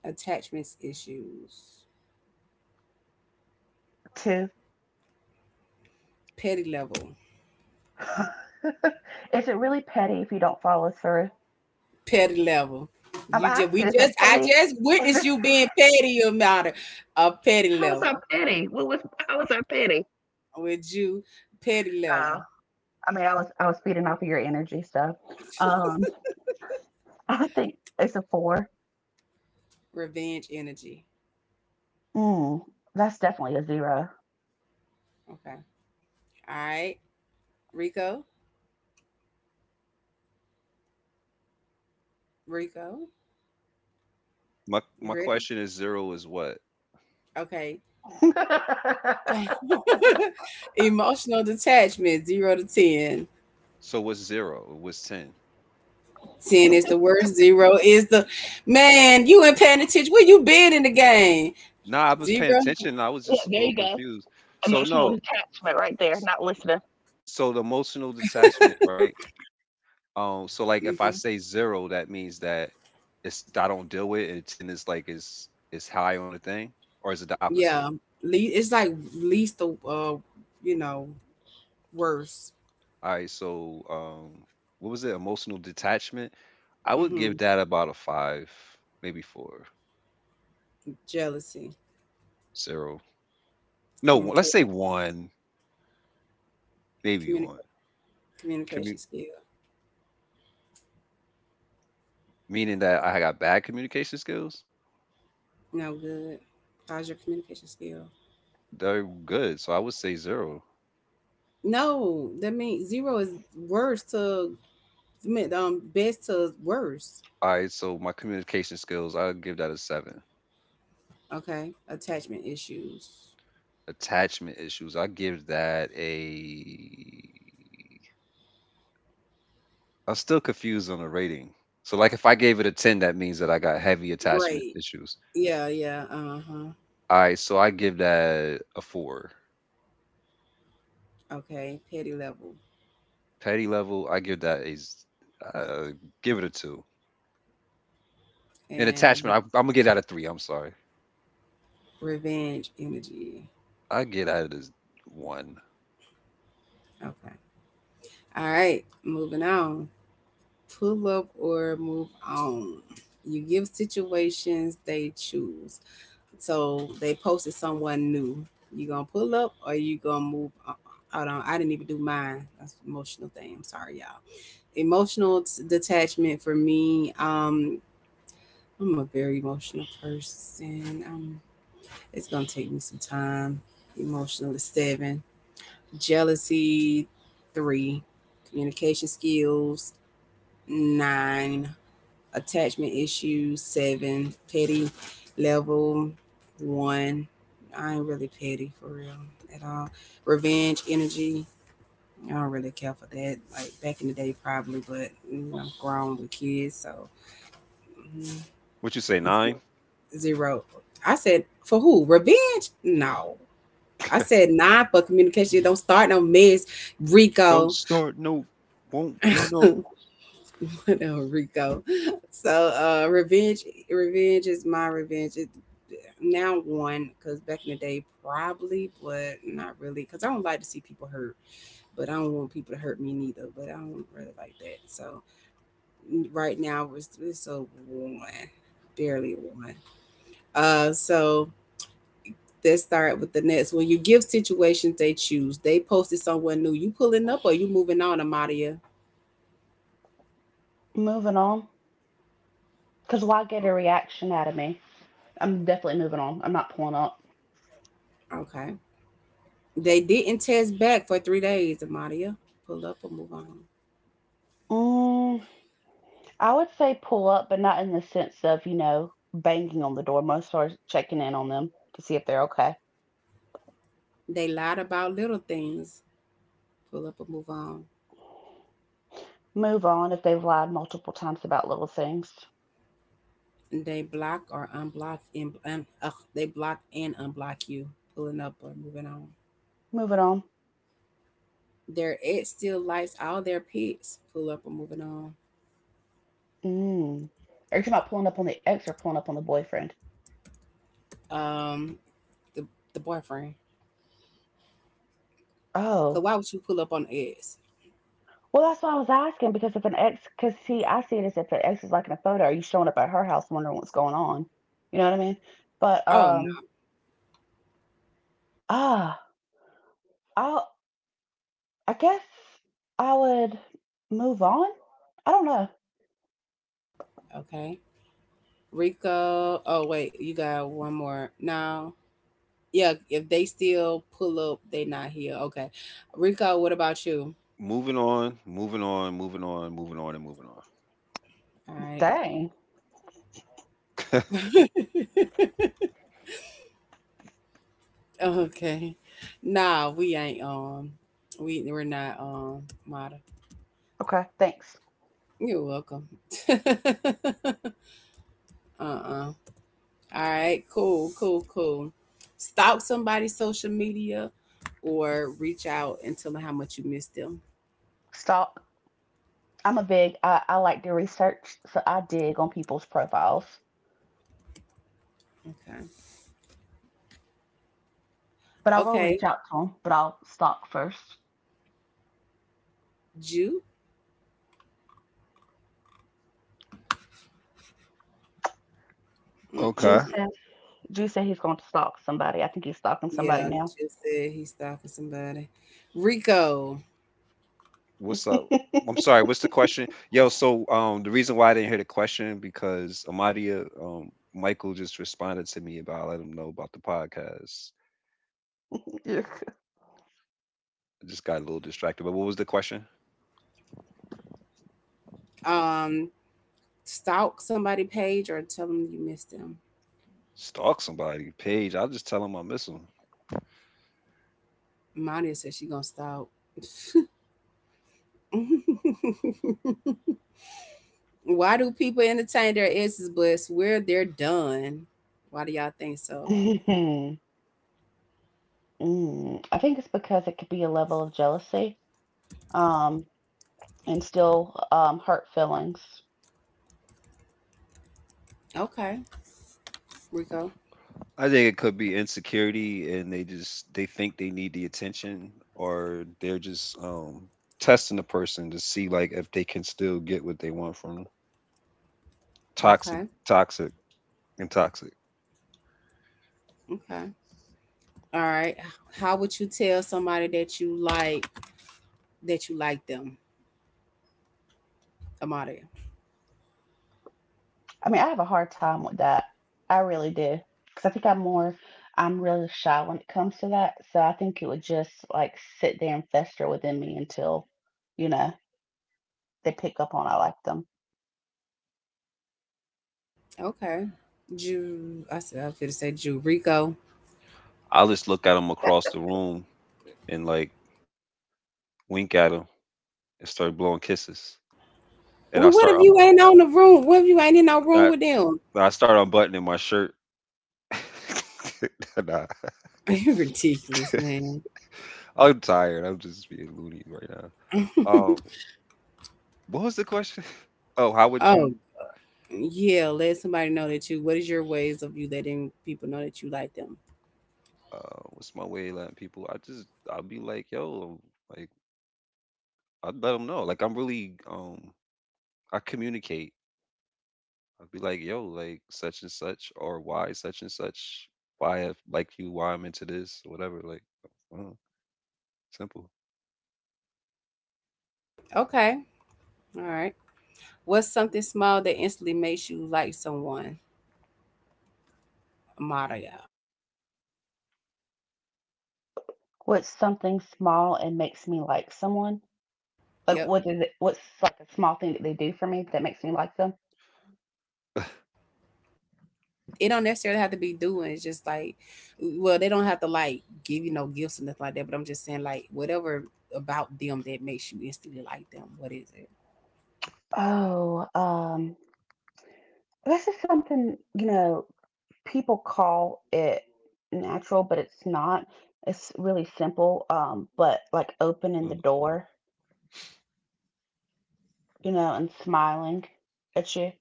Speaker 1: attachments issues,
Speaker 2: two.
Speaker 1: petty level,
Speaker 2: Is it really petty if you don't follow through?
Speaker 1: petty level.
Speaker 2: I'm
Speaker 1: You just, we
Speaker 2: asking, is it
Speaker 1: just, I
Speaker 2: petty?
Speaker 1: just
Speaker 2: Is
Speaker 1: witnessed
Speaker 2: it,
Speaker 1: you being petty about it. A petty
Speaker 2: how is
Speaker 1: level
Speaker 2: that petty? What was, how was that petty?
Speaker 1: with you, petty
Speaker 2: Oh.
Speaker 1: level,
Speaker 2: I mean, I was feeding off of your energy stuff. Um, I think it's a four.
Speaker 1: revenge energy.
Speaker 2: Mm, that's definitely a zero.
Speaker 1: Okay. All right. Rico, Rico,
Speaker 3: My
Speaker 1: you
Speaker 3: my
Speaker 1: ready?
Speaker 3: question is zero is what?
Speaker 1: Okay.
Speaker 2: Yeah,
Speaker 1: Emotional detachment, zero to 10.
Speaker 3: So what's zero? What's 10?
Speaker 1: Ten is the worst. Zero is the man. You ain't paying attention. Where you been in the game?
Speaker 3: Nah, I was paying
Speaker 1: 0.
Speaker 3: attention. I was just a
Speaker 2: there
Speaker 3: little
Speaker 2: you go.
Speaker 3: confused. So
Speaker 2: Emotional
Speaker 3: no.
Speaker 2: detachment right there. Not listening.
Speaker 3: So the emotional detachment, right? So like if I
Speaker 1: Mm-hmm.
Speaker 3: say zero, that means that it's I don't deal with it and 10 is like is high on the thing, or is it the opposite?
Speaker 1: Yeah, it's like least the you know, worst.
Speaker 3: All right, so what was it? Emotional detachment? I would give
Speaker 1: Mm-hmm.
Speaker 3: that about a five, maybe four,
Speaker 1: Jealousy,
Speaker 3: zero. No, let's
Speaker 1: communication,
Speaker 3: say one, maybe one.
Speaker 1: communica-
Speaker 3: Commu-
Speaker 1: communication skill.
Speaker 3: Meaning that I got bad communication skills.
Speaker 1: No good. How's your communication skill?
Speaker 3: They're good, so I would say zero.
Speaker 1: No, that means zero is worst to best to worst.
Speaker 3: All right, so my communication skills, I'll give that a seven.
Speaker 1: Okay, attachment issues.
Speaker 3: Attachment issues. I give that a. I'm still confused on the rating. So like if I gave it a 10, that means that I got heavy attachment
Speaker 1: Great.
Speaker 3: issues.
Speaker 1: Yeah. Uh huh.
Speaker 3: All right, so I give that a four.
Speaker 1: Okay, petty level
Speaker 3: Petty level, I give that a, s- uh, give it a two. And
Speaker 1: and
Speaker 3: attachment, I'm gonna get out of three. I'm sorry,
Speaker 1: revenge energy.
Speaker 3: I get out of this one.
Speaker 1: Okay. All right, moving on. Pull up or move on. You give situations they choose. So they posted someone new. You gonna pull up or you gonna move on? Hold on, I didn't even do mine. That's an emotional thing. I'm sorry, y'all. Emotional detachment for me. I'm a very emotional person. It's gonna take me some time. Emotional to 7. Jealousy, 3. Communication skills, 9. Attachment issues, 7. Petty level, one. I ain't really petty for real at all. Revenge energy, I don't really care for that. Like back in the day, probably, but mm, I'm grown with kids, so mm,
Speaker 3: What you say,
Speaker 1: zero.
Speaker 3: nine?
Speaker 1: Zero. I said, for who? Revenge? No. I said nine for communication. Don't start no mess,
Speaker 3: Don't
Speaker 1: Rico.
Speaker 3: start no, won't be no.
Speaker 1: Whatever, Rico. So, revenge is my revenge. It, now one, because back in the day, probably, but not really, because I don't like to see people hurt, but I don't want people to hurt me neither. But I don't really like that. So, right now, it's a one, barely a one. So let's start with the next. When you give situations, they choose. They posted somewhere new. You pulling up or you moving on, Amadia?
Speaker 2: Moving on, because why get a reaction out of me? I'm definitely moving on. I'm not pulling up.
Speaker 1: Okay. They didn't test back for 3 days, Amadia. Pull up or move on.
Speaker 2: Mm, I would say pull up, but not in the sense of banging on the door. Most are checking in on them to see if they're okay.
Speaker 1: They lied about little things. Pull up or move on.
Speaker 2: Move on if they've lied multiple times about little things.
Speaker 1: They block or unblock and they block and unblock you. Pulling up or moving on.
Speaker 2: Moving on.
Speaker 1: Their ex still likes all their pets. Pull up or moving on.
Speaker 2: Mm. Are you talking about pulling up on the ex or pulling up on the boyfriend?
Speaker 1: Um, the the boyfriend. Cause
Speaker 2: Oh,
Speaker 1: why would you pull up on the ex?
Speaker 2: well, that's why I was asking, because if an ex, because see, I see it as if an ex is like in a photo, are you showing up at her house wondering what's going on? You know what I mean? But
Speaker 1: Oh no.
Speaker 2: ah, I'll, I guess I would move on. I don't know.
Speaker 1: Okay. Rico. Oh wait, you got one more. No. Yeah, if they still pull up, they not here. Okay. Rico, what about you?
Speaker 3: Moving on, moving on, moving on, moving on, and moving
Speaker 1: All right.
Speaker 2: Dang.
Speaker 3: on.
Speaker 1: Okay. Nah, we ain't we're not model.
Speaker 2: Okay. Thanks.
Speaker 1: You're welcome. uh-uh. All right, cool, cool, cool. Stalk somebody's social media or reach out and tell them how much you miss them.
Speaker 2: Stalk. I'm a big. I like to research, so I dig on people's profiles.
Speaker 1: Okay.
Speaker 2: But I will
Speaker 1: Okay,
Speaker 2: reach out to them. But I'll stalk first.
Speaker 1: Jew.
Speaker 3: Okay.
Speaker 2: Juice
Speaker 1: Mm-mm.
Speaker 2: Drew said he's going to stalk somebody. I think he's stalking somebody
Speaker 1: Yeah,
Speaker 2: now.
Speaker 1: just said he's stalking somebody. Rico,
Speaker 3: What's up? I'm sorry. What's the question? Yo, so the reason why I didn't hear the question because Amadia, Michael just responded to me about letting him know about the podcast.
Speaker 2: Yeah.
Speaker 3: I just got a little distracted. But what was the question?
Speaker 1: um, stalk somebody page or tell them you miss them.
Speaker 3: Stalk somebody, Paige. I'll just tell them I miss them.
Speaker 1: Monia said she gonna stalk. Why do people entertain their exes, but swear they're done? Why do y'all think so?
Speaker 2: Mm. I think it's because it could be a level of jealousy, um, and still hurt feelings.
Speaker 1: Okay, Rico.
Speaker 3: I think it could be insecurity, and they think they need the attention, or they're just testing the person to see like if they can still get what they want from them. Toxic,
Speaker 1: Okay,
Speaker 3: toxic, and toxic.
Speaker 1: okay. All right. How would you tell somebody that you like them, Amade?
Speaker 2: I mean, I have a hard time with that. I really do. Because I think I'm really shy when it comes to that. So I think it would just like sit there and fester within me until, you know, they pick up on I like them.
Speaker 1: Okay, Ju. I said I was gonna say Ju Rico.
Speaker 3: I'll just look at them across the room and like wink at him, and start blowing kisses. And
Speaker 1: Well, what if you ain't on the room? What if you ain't in no room
Speaker 3: I,
Speaker 1: with them?
Speaker 3: I start unbuttoning my shirt. Nah,
Speaker 1: Ridiculous, man.
Speaker 3: I'm tired. I'm just being loony right now. Um, what was the question? Oh, how would
Speaker 1: Oh,
Speaker 3: you?
Speaker 1: yeah. Let somebody know that you. What is your ways of you letting people know that you like them?
Speaker 3: Uh, what's my way of letting people? I'll be like, yo, like I'd let them know. Like I'm really I communicate. I'd be like, yo, like such and such, or why such and such, why I like you, why I'm into this, whatever. Like, uh, simple.
Speaker 1: Okay. All right. What's something small that instantly makes you like someone? Amada, y'all.
Speaker 2: What's something small and makes me like someone? Like
Speaker 1: Yep.
Speaker 2: what is it, what's like a small thing that they do for me that makes me like them?
Speaker 1: It don't necessarily have to be doing. It's just like, well, they don't have to like give you no gifts or nothing like that. But I'm just saying, like, whatever about them that makes you instantly like them. What is it?
Speaker 2: Oh, this is something, you know, people call it natural, but it's not. It's really simple, but like opening the
Speaker 3: Mm.
Speaker 2: door, you know, and smiling at you,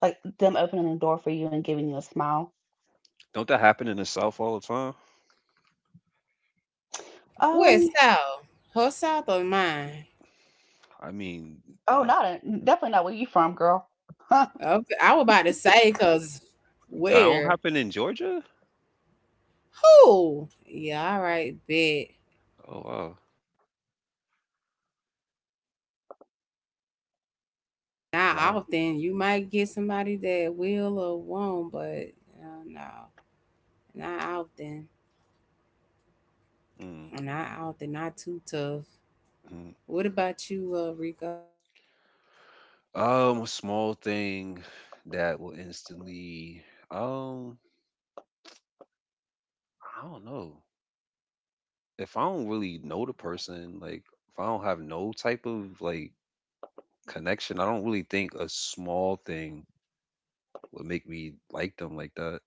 Speaker 2: like them opening the door for you and giving you a smile.
Speaker 3: Don't that happen in the South all the time?
Speaker 2: Um,
Speaker 1: What's South? Her South or mine?
Speaker 3: I mean,
Speaker 2: oh,
Speaker 3: uh,
Speaker 2: not a, definitely not where you from, girl.
Speaker 1: Okay, I was about to say, cause
Speaker 3: that don't
Speaker 1: where,
Speaker 3: happen in Georgia?
Speaker 1: who? Yeah, all right, bet.
Speaker 3: Oh, wow.
Speaker 1: Not
Speaker 3: Wow.
Speaker 1: often. You might get somebody that will or won't, but no, not often.
Speaker 3: Mm,
Speaker 1: Not often. Not too tough.
Speaker 3: mm.
Speaker 1: What about you, Rico?
Speaker 3: A small thing that will instantly, um, I don't know. If I don't really know the person, like if I don't have no type of like connection, I don't really think a small thing would make me like them like that.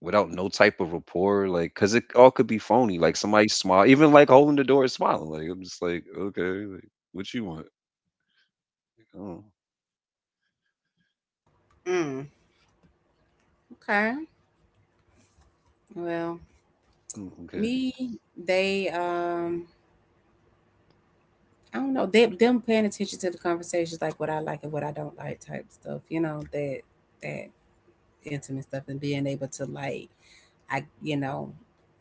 Speaker 3: Without no type of rapport, like, cause it all could be phony. Like somebody smile, even like holding the door and smiling. Like I'm just like, okay, like, what you want? Oh.
Speaker 1: Mm, okay. Well,
Speaker 3: Ooh, okay.
Speaker 1: me, they, um, I don't know. They, them paying attention to the conversations, like what I like and what I don't like, type stuff. You know that that intimate stuff and being able to like I, you know,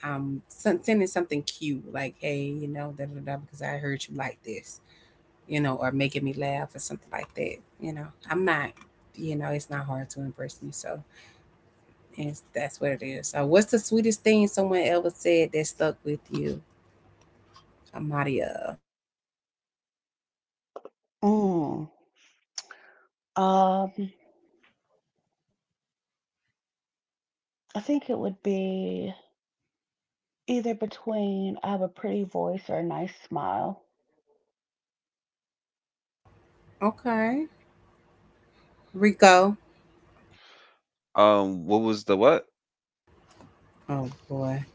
Speaker 1: sending something cute like, hey, you know, da da da, because I heard you like this, you know, or making me laugh or something like that. You know, I'm not, you know, it's not hard to impress me. So it's, that's what it is. So, what's the sweetest thing someone ever said that stuck with you, Amadia?
Speaker 2: mm, um, I think it would be either between I have a pretty voice or a nice smile.
Speaker 1: Okay, Rico.
Speaker 3: What was the what?
Speaker 1: Oh boy.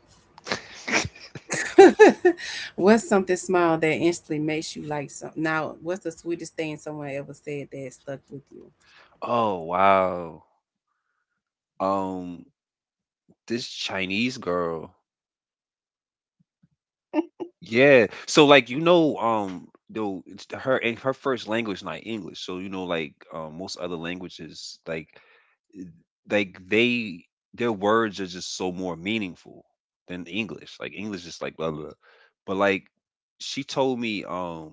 Speaker 1: What's something small that instantly makes you like some? Now, what's the sweetest thing someone ever said that stuck with you?
Speaker 3: Oh wow. Um, this Chinese girl. Yeah. So like you know, though it's her and her first language not English. So you know, like most other languages, like they their words are just so more meaningful than English. Like English is like blah blah, blah. But like she told me,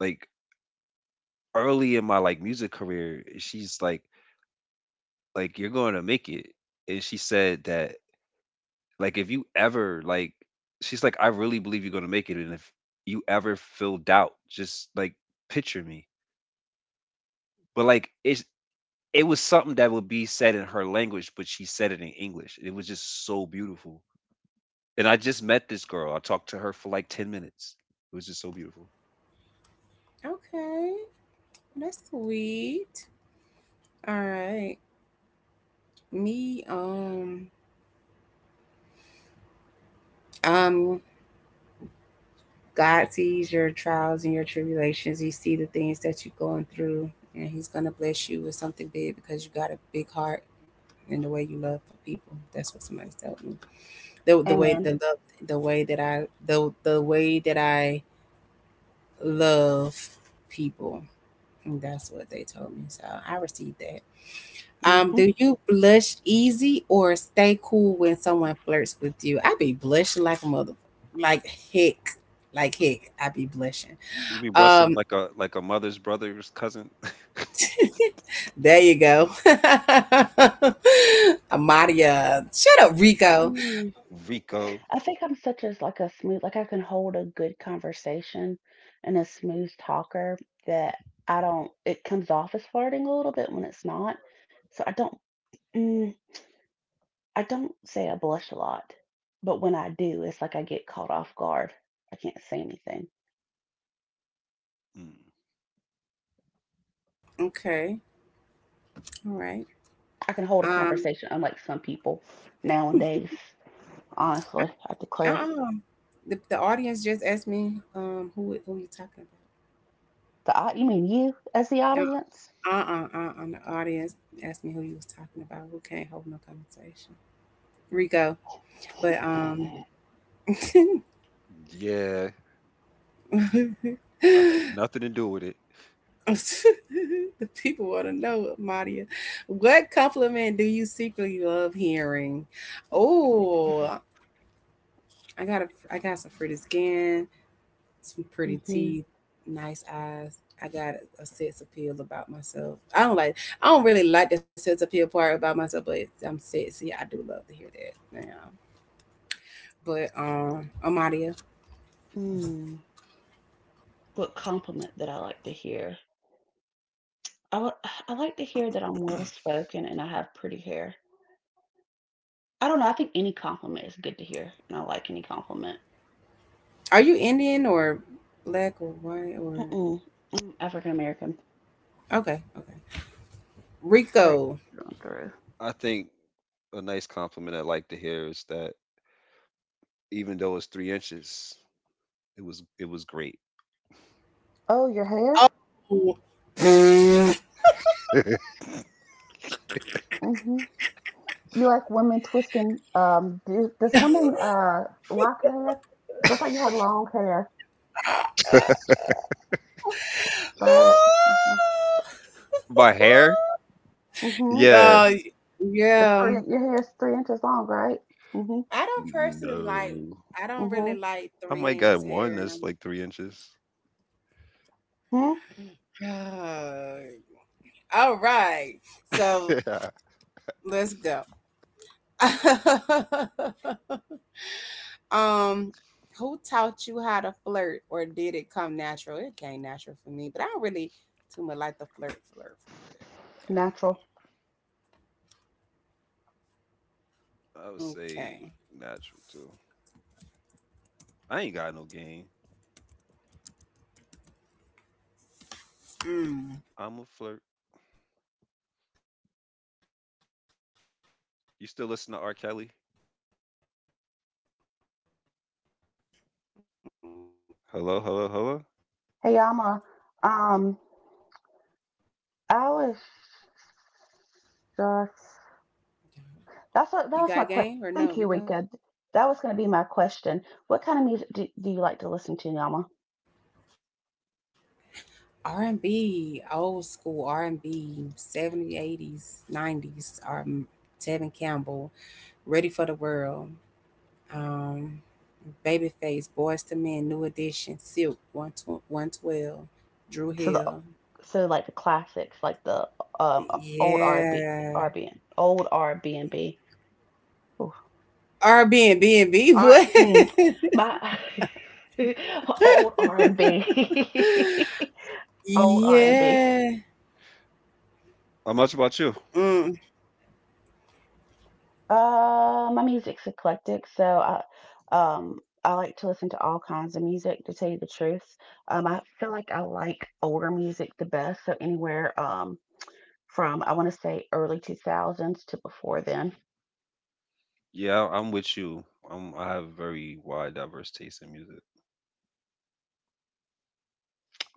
Speaker 3: like early in my like music career, she's like you're going to make it, and she said that, like if you ever like, she's like, I really believe you're gonna make it. And if you ever feel doubt, just like picture me. But like it was something that would be said in her language, but she said it in English. It was just so beautiful. And I just met this girl. I talked to her for like 10 minutes. It was just so beautiful.
Speaker 1: Okay. That's sweet. All right. Me, um, God sees your trials and your tribulations. He see the things that you're going through, and He's gonna bless you with something big because you got a big heart and the way you love for people. That's what somebody told me. The the way the
Speaker 2: Amen.
Speaker 1: love, the way that I the way that I love people. And that's what they told me. So I received that. Do
Speaker 2: Hmm.
Speaker 1: you blush easy or stay cool when someone flirts with you? I be blushing like a mother, like heck, like heck. I be blushing.
Speaker 3: You be brusting
Speaker 1: Um,
Speaker 3: like a mother's brother's cousin.
Speaker 1: there you go, Amadia. Shut up, Rico.
Speaker 2: Mm.
Speaker 3: Rico.
Speaker 2: I think I'm such as like a smooth, like I can hold a good conversation and a smooth talker that I don't, it comes off as flirting a little bit when it's not. So mm, I don't say I blush a lot, but when I do, it's like I get caught off guard. I can't say anything.
Speaker 3: Mm.
Speaker 1: Okay, all right.
Speaker 2: I can hold a
Speaker 1: Um,
Speaker 2: conversation unlike some people nowadays. Honestly, I declare.
Speaker 1: uh-uh. The audience just asked me who you talking about.
Speaker 2: You mean you as the audience?
Speaker 1: The audience asked me who you was talking about. We can't hold no conversation. Rico. But
Speaker 3: Yeah, I had nothing to do with it.
Speaker 1: the people want to know, Madia, what compliment do you secretly love hearing? Oh, I got a, I got some pretty skin, some pretty teeth, nice eyes. I got a sex appeal about myself. I don't like, I don't really like the sex appeal part about myself, but I'm sexy. I do love to hear that. Yeah. But Amadia,
Speaker 2: Hmm. What compliment that I like to hear? I would I like to hear that I'm well spoken and I have pretty hair. I don't know, I think any compliment is good to hear, and I like any compliment.
Speaker 1: are you Indian or black or white or
Speaker 2: Mm-mm. I'm African American,
Speaker 1: okay, okay?
Speaker 2: straight
Speaker 1: Rico.
Speaker 2: through and through.
Speaker 3: I think a nice compliment I like to hear is that even though it's 3 inches. It was great.
Speaker 2: Oh, your
Speaker 1: Oh.
Speaker 2: hair?
Speaker 1: Ooh.
Speaker 2: Mm-hmm. You like women twisting? Does women lock your hair? 'Cause I thought you had long hair, right? Mm-hmm.
Speaker 3: My hair,
Speaker 2: Mm-hmm.
Speaker 3: yeah,
Speaker 1: uh,
Speaker 2: It's
Speaker 1: yeah.
Speaker 2: three. Your hair's 3 inches long, right? Mm-hmm.
Speaker 1: I don't personally like.
Speaker 3: no,
Speaker 1: I don't
Speaker 2: Mm-hmm.
Speaker 1: really like
Speaker 3: I
Speaker 1: three
Speaker 3: might got
Speaker 1: inches
Speaker 3: one
Speaker 1: hair.
Speaker 3: that's like 3 inches.
Speaker 2: Hmm.
Speaker 1: all right. So
Speaker 3: I
Speaker 1: let's go. um, who taught you how to flirt, or did it come natural? It came natural for me, but I don't really too much like the flirt, flirt for real.
Speaker 2: Natural.
Speaker 3: would say
Speaker 1: Okay.
Speaker 3: natural too. I ain't got no game.
Speaker 1: Mm.
Speaker 3: I'm a flirt.
Speaker 1: You got
Speaker 3: You still
Speaker 1: game or
Speaker 3: listen to
Speaker 1: no,
Speaker 3: R.
Speaker 1: Rico?
Speaker 3: Kelly?
Speaker 1: Huh?
Speaker 3: Hello, hello, hello.
Speaker 2: Hey, I'm a,
Speaker 1: Yeah. If you
Speaker 2: um,
Speaker 1: might. Oh.
Speaker 2: I was
Speaker 1: Uh,
Speaker 2: just, that's what, that was my question. Thank you, Rika. That was going to be my question. What kind of music do you like to listen to, Yama?
Speaker 1: R and B, old school R and B, 70s, 80s, 90s. Tevin Campbell, Ready for the World. Um, Babyface, Boys to Men, New Edition, Silk, 112, 112 Drew
Speaker 2: So the
Speaker 1: Hill.
Speaker 2: so like the classics, like the um old R&B,
Speaker 1: Yeah.
Speaker 2: old R B and b and B. Oof.
Speaker 1: R B and B and B,
Speaker 2: R
Speaker 1: what?
Speaker 2: mm, my old R&B, old R&B.
Speaker 1: Yeah.
Speaker 3: How much about you?
Speaker 1: Mm,
Speaker 2: My music's eclectic, so I like to listen to all kinds of music, to tell you the truth. I feel like I like older music the best, so anywhere from I want to say early 2000s to before then.
Speaker 3: Yeah, I'm with you. I have very wide, diverse taste in music.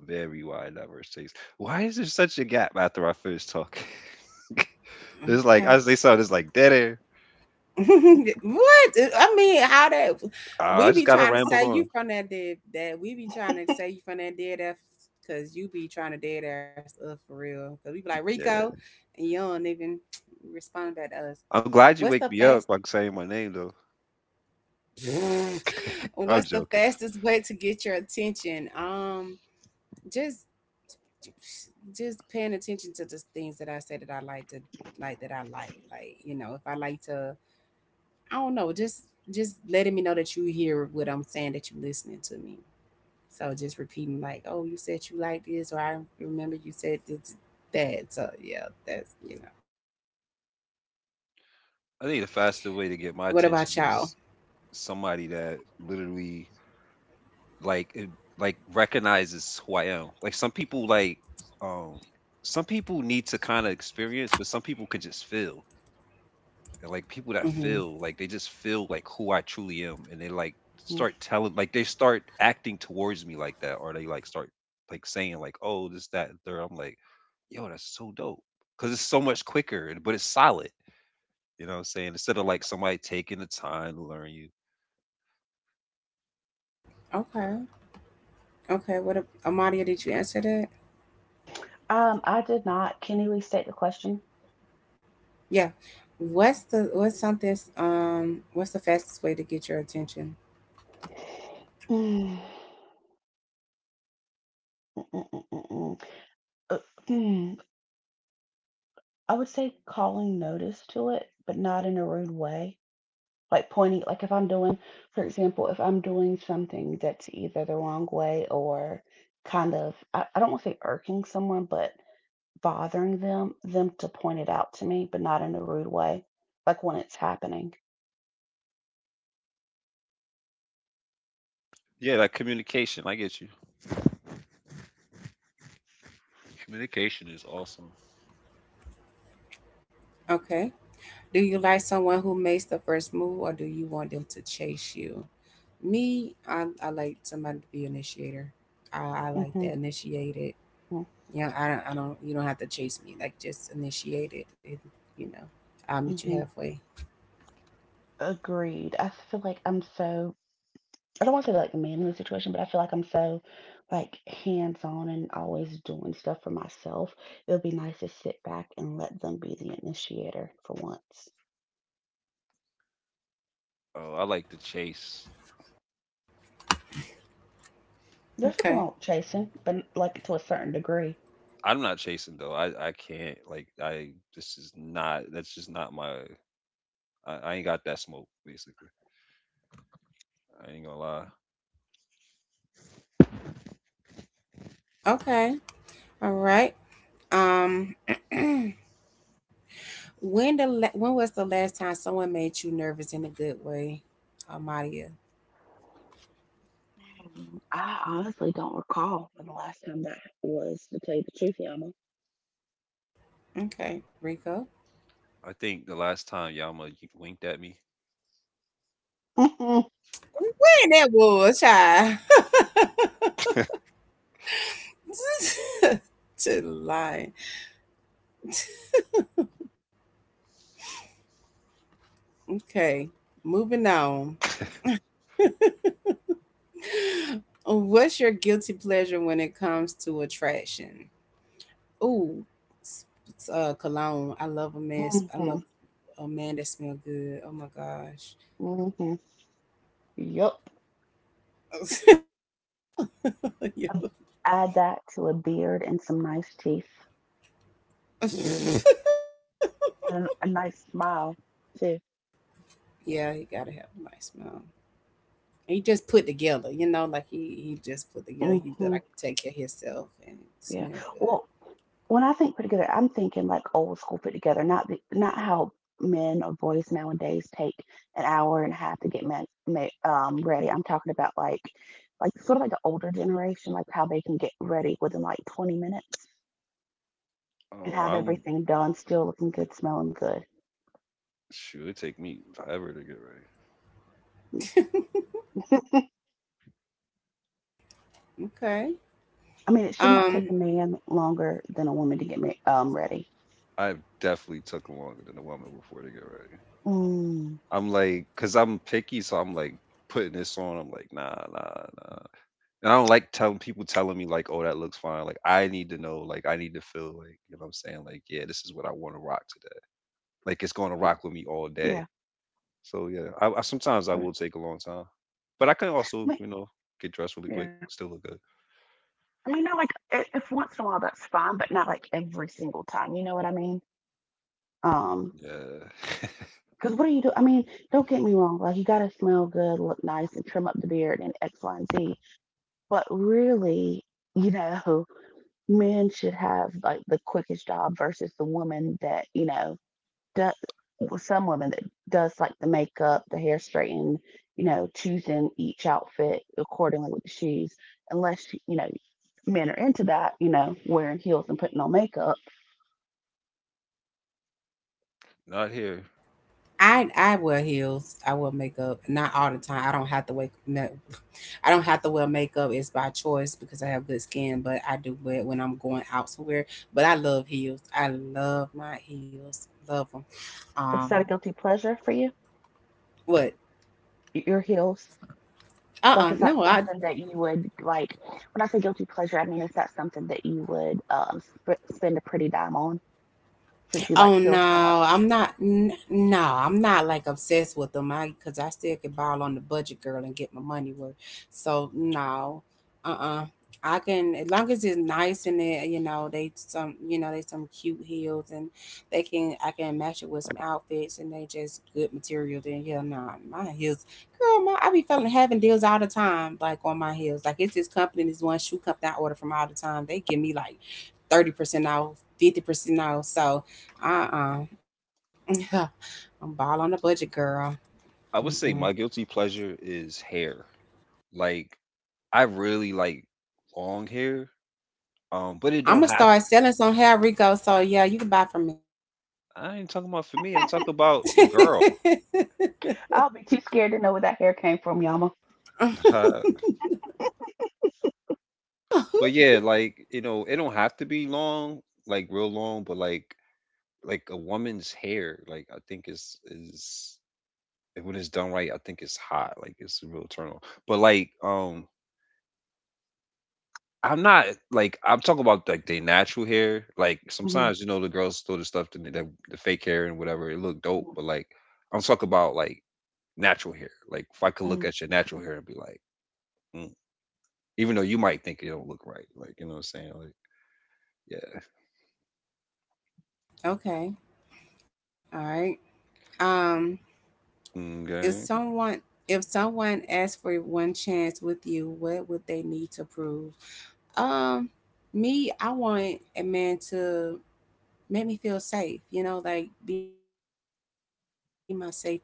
Speaker 3: Very wide, diverse taste. Why is there such a gap after I finish talking? It's
Speaker 1: okay.
Speaker 3: like I say something. It's like dead air.
Speaker 1: What? I mean, how that we
Speaker 3: I just
Speaker 1: be
Speaker 3: gotta
Speaker 1: trying to
Speaker 3: ramble
Speaker 1: say you
Speaker 3: on.
Speaker 1: from that dead that we be trying to say you from that dead ass because you be trying to dead ass up for real. Cause we be like Rico,
Speaker 3: Yeah,
Speaker 1: and you don't even respond back to us.
Speaker 3: I'm glad
Speaker 1: What's
Speaker 3: you
Speaker 1: the
Speaker 3: wake me
Speaker 1: fast?
Speaker 3: up by saying my name though. I'm
Speaker 1: What's the
Speaker 3: joking.
Speaker 1: fastest way to get your attention? Just just paying attention to just things that I say that I like to like that I like. Like, you know, if I like to I don't know, just letting me know that you hear what I'm saying, that you're listening to me. So just repeating like, oh, you said you like this or I remember you said this, that. So yeah, that's you know. What about y'all?
Speaker 3: I think the faster way to get my attention is somebody that literally like it- like recognizes who I am. Like um some people need to kind of experience, but some people can just feel. And, like people that
Speaker 1: Mm-hmm.
Speaker 3: feel like they just feel like who I truly am, and they like
Speaker 2: Mhm.
Speaker 3: start telling, like they start acting towards me like that, or they like start like saying like, oh, this, that, and third. I'm like, yo, that's so dope, because it's so much quicker, but it's solid. You know what I'm saying? Instead of like somebody taking the time to learn you.
Speaker 1: Okay. Okay. What a- Amadia, did you answer that?
Speaker 2: I did not. Can you restate the question?
Speaker 1: Yeah. What's the fastest way to get your attention?
Speaker 2: Mm, mm, mm, mm, mm. Uh, mm, I would say calling notice to it, but not in a rude way. Like pointing, like, if I'm doing, for example, if I'm doing something that's either the wrong way or kind of I don't want to say irking someone, but bothering them to point it out to me, but not in a rude way, like when it's happening.
Speaker 3: Yeah, like communication. I get you. Communication is awesome.
Speaker 1: Okay. Do you like someone who makes the first move or do you want them to chase you? Me, I like somebody to be initiator. I like
Speaker 2: Mm-hmm,
Speaker 1: to initiate it.
Speaker 2: mm-hmm.
Speaker 1: You I don't, You don't have to chase me. Like, just initiate it. And, you know, I'll meet you
Speaker 2: Mm-hmm.
Speaker 1: halfway.
Speaker 2: Agreed. I feel like I'm so I don't want to say like a manly situation, but I feel like I'm so, like, hands on and always doing stuff for myself. It would be nice to sit back and let them be the initiator for once.
Speaker 3: Oh, I like to chase.
Speaker 2: There's nothing
Speaker 1: Okay.
Speaker 2: wrong with chasing, but like to a certain degree.
Speaker 3: I'm not chasing though. I can't like I. This is not. That's just not my. I ain't got that smoke basically. I ain't gonna lie.
Speaker 1: Okay. All right. Um, when the la- when was the last time someone made you nervous in a good way, Amadia?
Speaker 2: I honestly don't recall when the last time that was, to tell you the truth, Yama.
Speaker 1: Okay, Rico.
Speaker 3: I think the last time Yama winked at me,
Speaker 2: Mm-hmm,
Speaker 1: When that was, child. To lie. Okay, moving on. What's your guilty pleasure when it comes to attraction? Ooh, s- s- cologne. I love a man. S- I
Speaker 2: mm-hmm,
Speaker 1: love a man that smell good. Oh my gosh.
Speaker 2: mm-hmm. Yep.
Speaker 1: Yeah,
Speaker 2: Add that to a beard and some nice teeth and a nice smile too.
Speaker 1: yeah, you gotta have a nice smell. He just put together, you know, like he just put together. He feel
Speaker 2: Hmm.
Speaker 1: like he take care of himself and
Speaker 2: Yeah.
Speaker 1: smell good.
Speaker 2: Well, when I think put together, I'm thinking like old school put together, not the, not how men or boys nowadays take an hour and a half to get men, ready. I'm talking about like sort of like the older generation, like how they can get ready within like 20 minutes and
Speaker 3: oh,
Speaker 2: have
Speaker 3: I'm
Speaker 2: everything done, still looking good, smelling good.
Speaker 3: sure it take me forever to get ready.
Speaker 1: Okay.
Speaker 2: I mean, it should not take
Speaker 1: Um,
Speaker 2: a man longer than a woman to get ready.
Speaker 3: I've definitely took longer than a woman before to get ready.
Speaker 2: Mm,
Speaker 3: I'm like, cause I'm picky, so I'm like putting this on. I'm like, nah, nah, nah. And I don't like telling people telling me like, oh, that looks fine. Like, I need to know. Like, I need to feel like, you know what I'm saying? Like, yeah, this is what I want to rock today. Like, it's going to rock with me all
Speaker 2: yeah.
Speaker 3: day. So yeah, I sometimes I will take a long time, but I can
Speaker 2: Yeah. I
Speaker 3: also,
Speaker 2: mean,
Speaker 3: you know, get dressed really quick,
Speaker 2: yeah.
Speaker 3: still look good.
Speaker 2: I mean, not like if once in a while that's fine, but not like every single time. You know what I mean? Um,
Speaker 3: Yeah,
Speaker 2: because what do you do? I mean, don't get me wrong. Like you gotta smell good, look nice, and trim up the beard and X, Y, and Z. But really, you know, men should have like the quickest job versus the woman that, you know, does. Well, some women that does like the makeup, the hair straighten, you know, choosing each outfit accordingly with the shoes, unless you know men are into that, you know, wearing heels and putting on makeup.
Speaker 3: not here.
Speaker 1: I wear heels. I wear makeup, not all the time. I don't have to wake. Ma- I don't have to wear makeup. It's by choice because I have good skin, but I do wear it when I'm going out somewhere. But I love heels. I love my heels. Love them. Um,
Speaker 2: Is that a guilty pleasure for you?
Speaker 1: what?
Speaker 2: Your heels? Like, is that
Speaker 1: No, I
Speaker 2: something that you would like? When I say guilty pleasure, I mean, is that something that you would spend a pretty dime on since you like
Speaker 1: Oh
Speaker 2: heels so
Speaker 1: no,
Speaker 2: much?
Speaker 1: I'm not. N- no, I'm not like obsessed with them. I because I still can ball on the budget, girl, and get my money worth. So no, uh, uh I can as long as it's nice and it, you know they some you know they some cute heels and they can I can match it with some outfits and they just good material. Then yeah, no, my heels, girl, my I be feeling having deals all the time, like on my heels. Like it's this company, this one shoe company I order from all the time. They give me like 30% off, 50% off. So uh uh I'm ball on the budget, girl.
Speaker 3: I would
Speaker 1: Mm-mm.
Speaker 3: say my guilty pleasure is hair. Like I really like long hair. But it
Speaker 1: I'm
Speaker 3: don't
Speaker 1: gonna
Speaker 3: have to.
Speaker 1: start selling some hair, Rico. So yeah, you can buy from me.
Speaker 3: I ain't talking about for me. I'm talking about a girl.
Speaker 2: I'll be too scared to know where that hair came from, Yama.
Speaker 3: But yeah, like you know, it don't have to be long, like real long. But like a woman's hair, like I think is when it's done right, I think it's hot. Like it's a real turn on. But like I'm not like I'm talking about like their natural hair. Like
Speaker 2: Mm-hmm,
Speaker 3: sometimes you know the girls throw the stuff to the fake hair and whatever. It look dope,
Speaker 2: mm-hmm,
Speaker 3: but like I'm talking about like natural hair. Like if I could look at your natural hair and be like, mm, even though you might think it don't look right, like you know what I'm saying? Like yeah,
Speaker 1: Okay. All right. Um, if
Speaker 3: okay.
Speaker 1: someone if someone asked for one chance with you, what would they need to prove? Um, me, I want a man to make me feel safe, you know, like be my safe place, you know, like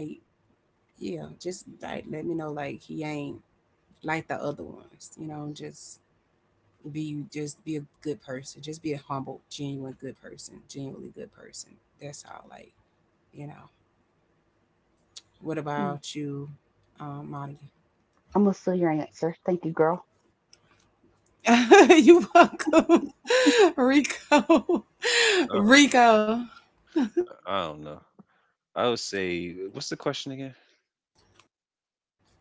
Speaker 1: yeah, just like let me know like he ain't like the other ones, you know, just be a good person. Just be a humble, genuine good person, genuinely good person. That's all, like, you know. What
Speaker 2: mm-hmm.
Speaker 1: about you, um,
Speaker 2: I'm gonna steal your answer. Thank you, girl.
Speaker 1: Monica? You welcome. Rico.
Speaker 3: I don't,
Speaker 1: Rico.
Speaker 3: I don't know. I would say what's the question again?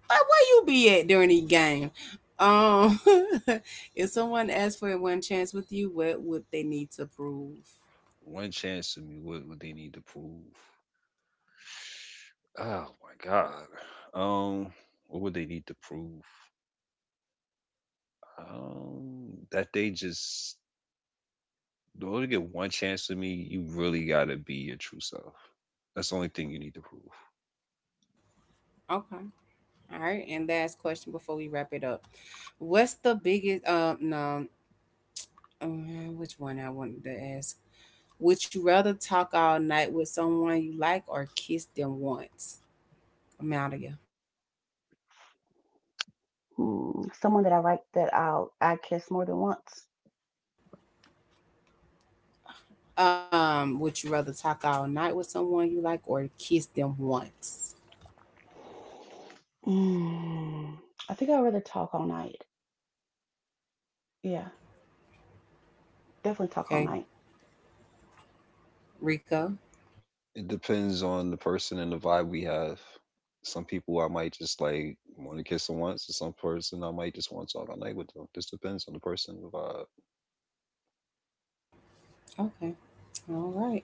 Speaker 1: Like where you be at during the game? Um, if someone asked for a one chance with you, what would they need to prove?
Speaker 3: One chance to me. What would they need to prove? Oh my god. What would they need to prove? That they just in order to get one chance with me, you really gotta be your true self. That's the only thing you need to prove.
Speaker 1: Okay. All right, and last question before we wrap it up. What's the biggest no uh, which one I wanted to ask? Would you rather talk all night with someone you like or kiss them once? I'm out of you.
Speaker 2: Hmm, someone that I like that I kiss more than once.
Speaker 1: Would you rather talk all night with someone you like or kiss them once?
Speaker 2: Mm, I think I'd rather talk all night. Yeah, definitely talk all
Speaker 1: Okay,
Speaker 2: night.
Speaker 1: Rico.
Speaker 3: It depends on the person and the vibe we have. Some people I might just like want to kiss them once, and some person I might just want to talk all night with them. Just depends on the person and the vibe.
Speaker 1: Okay, all right,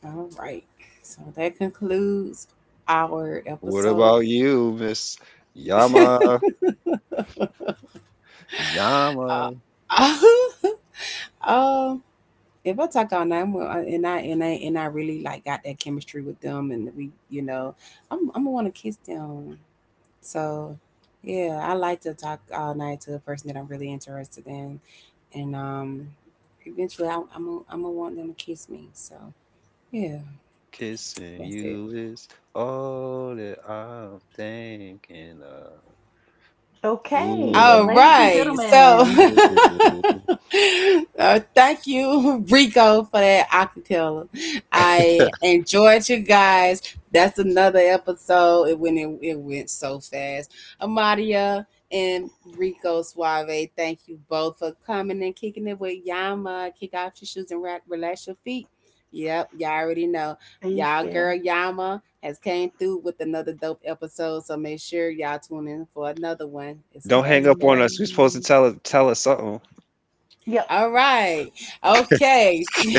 Speaker 1: all right. So that concludes our
Speaker 3: What
Speaker 1: episode.
Speaker 3: about you, Miss Yama? Yama,
Speaker 1: Uh, um, if I talk all night, I'm, gonna- I- and I and I and I really like got that chemistry with them, and we, you know, I'm gonna want to kiss them. So, yeah, I like to talk all night to a person that I'm really interested in, and eventually I'm gonna want them to kiss me. So, yeah,
Speaker 3: kissing
Speaker 1: that's it.
Speaker 3: you is all that I'm thinking of.
Speaker 2: Okay,
Speaker 3: Ooh,
Speaker 2: and
Speaker 1: All
Speaker 2: ladies and
Speaker 1: right. So,
Speaker 2: gentlemen,
Speaker 3: ooh.
Speaker 1: thank you, Rico, for that acapella. I enjoyed you guys. That's another episode. It went, it went so fast. Amadia and Rico Suave, thank you both for coming and kicking it with Yama. Kick off your shoes and ra- relax your feet. Yep, y'all already know
Speaker 2: thank
Speaker 1: y'all girl
Speaker 2: you.
Speaker 1: Yama has came through with another dope episode. So make sure y'all tune in for another one. It's a
Speaker 3: Don't
Speaker 1: back
Speaker 3: hang
Speaker 1: to
Speaker 3: up on
Speaker 1: back.
Speaker 3: us. You're supposed to
Speaker 2: Hmm.
Speaker 3: tell us something.
Speaker 2: Yep.
Speaker 1: All right. Okay.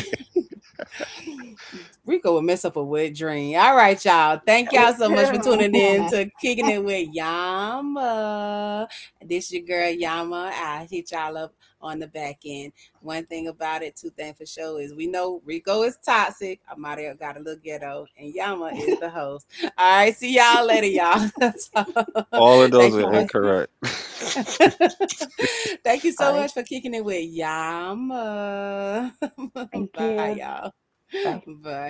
Speaker 1: Rico would mess up a wet dream. All right, y'all. Thank y'all so much for tuning in to Kicking It with Yama. This your girl Yama. I hit y'all up on the back end. One thing about it, two things for sure is we know Rico is toxic. Amadio got a little ghetto, and Yama is the host. All right, see y'all later, y'all. So,
Speaker 3: All of those
Speaker 1: thank you
Speaker 3: are
Speaker 1: for
Speaker 2: Bye.
Speaker 3: incorrect.
Speaker 1: thank you so
Speaker 2: Bye.
Speaker 1: much for kicking it with Yama.
Speaker 2: Thank
Speaker 1: Bye,
Speaker 2: you.
Speaker 1: y'all.
Speaker 2: Bye.
Speaker 1: Bye.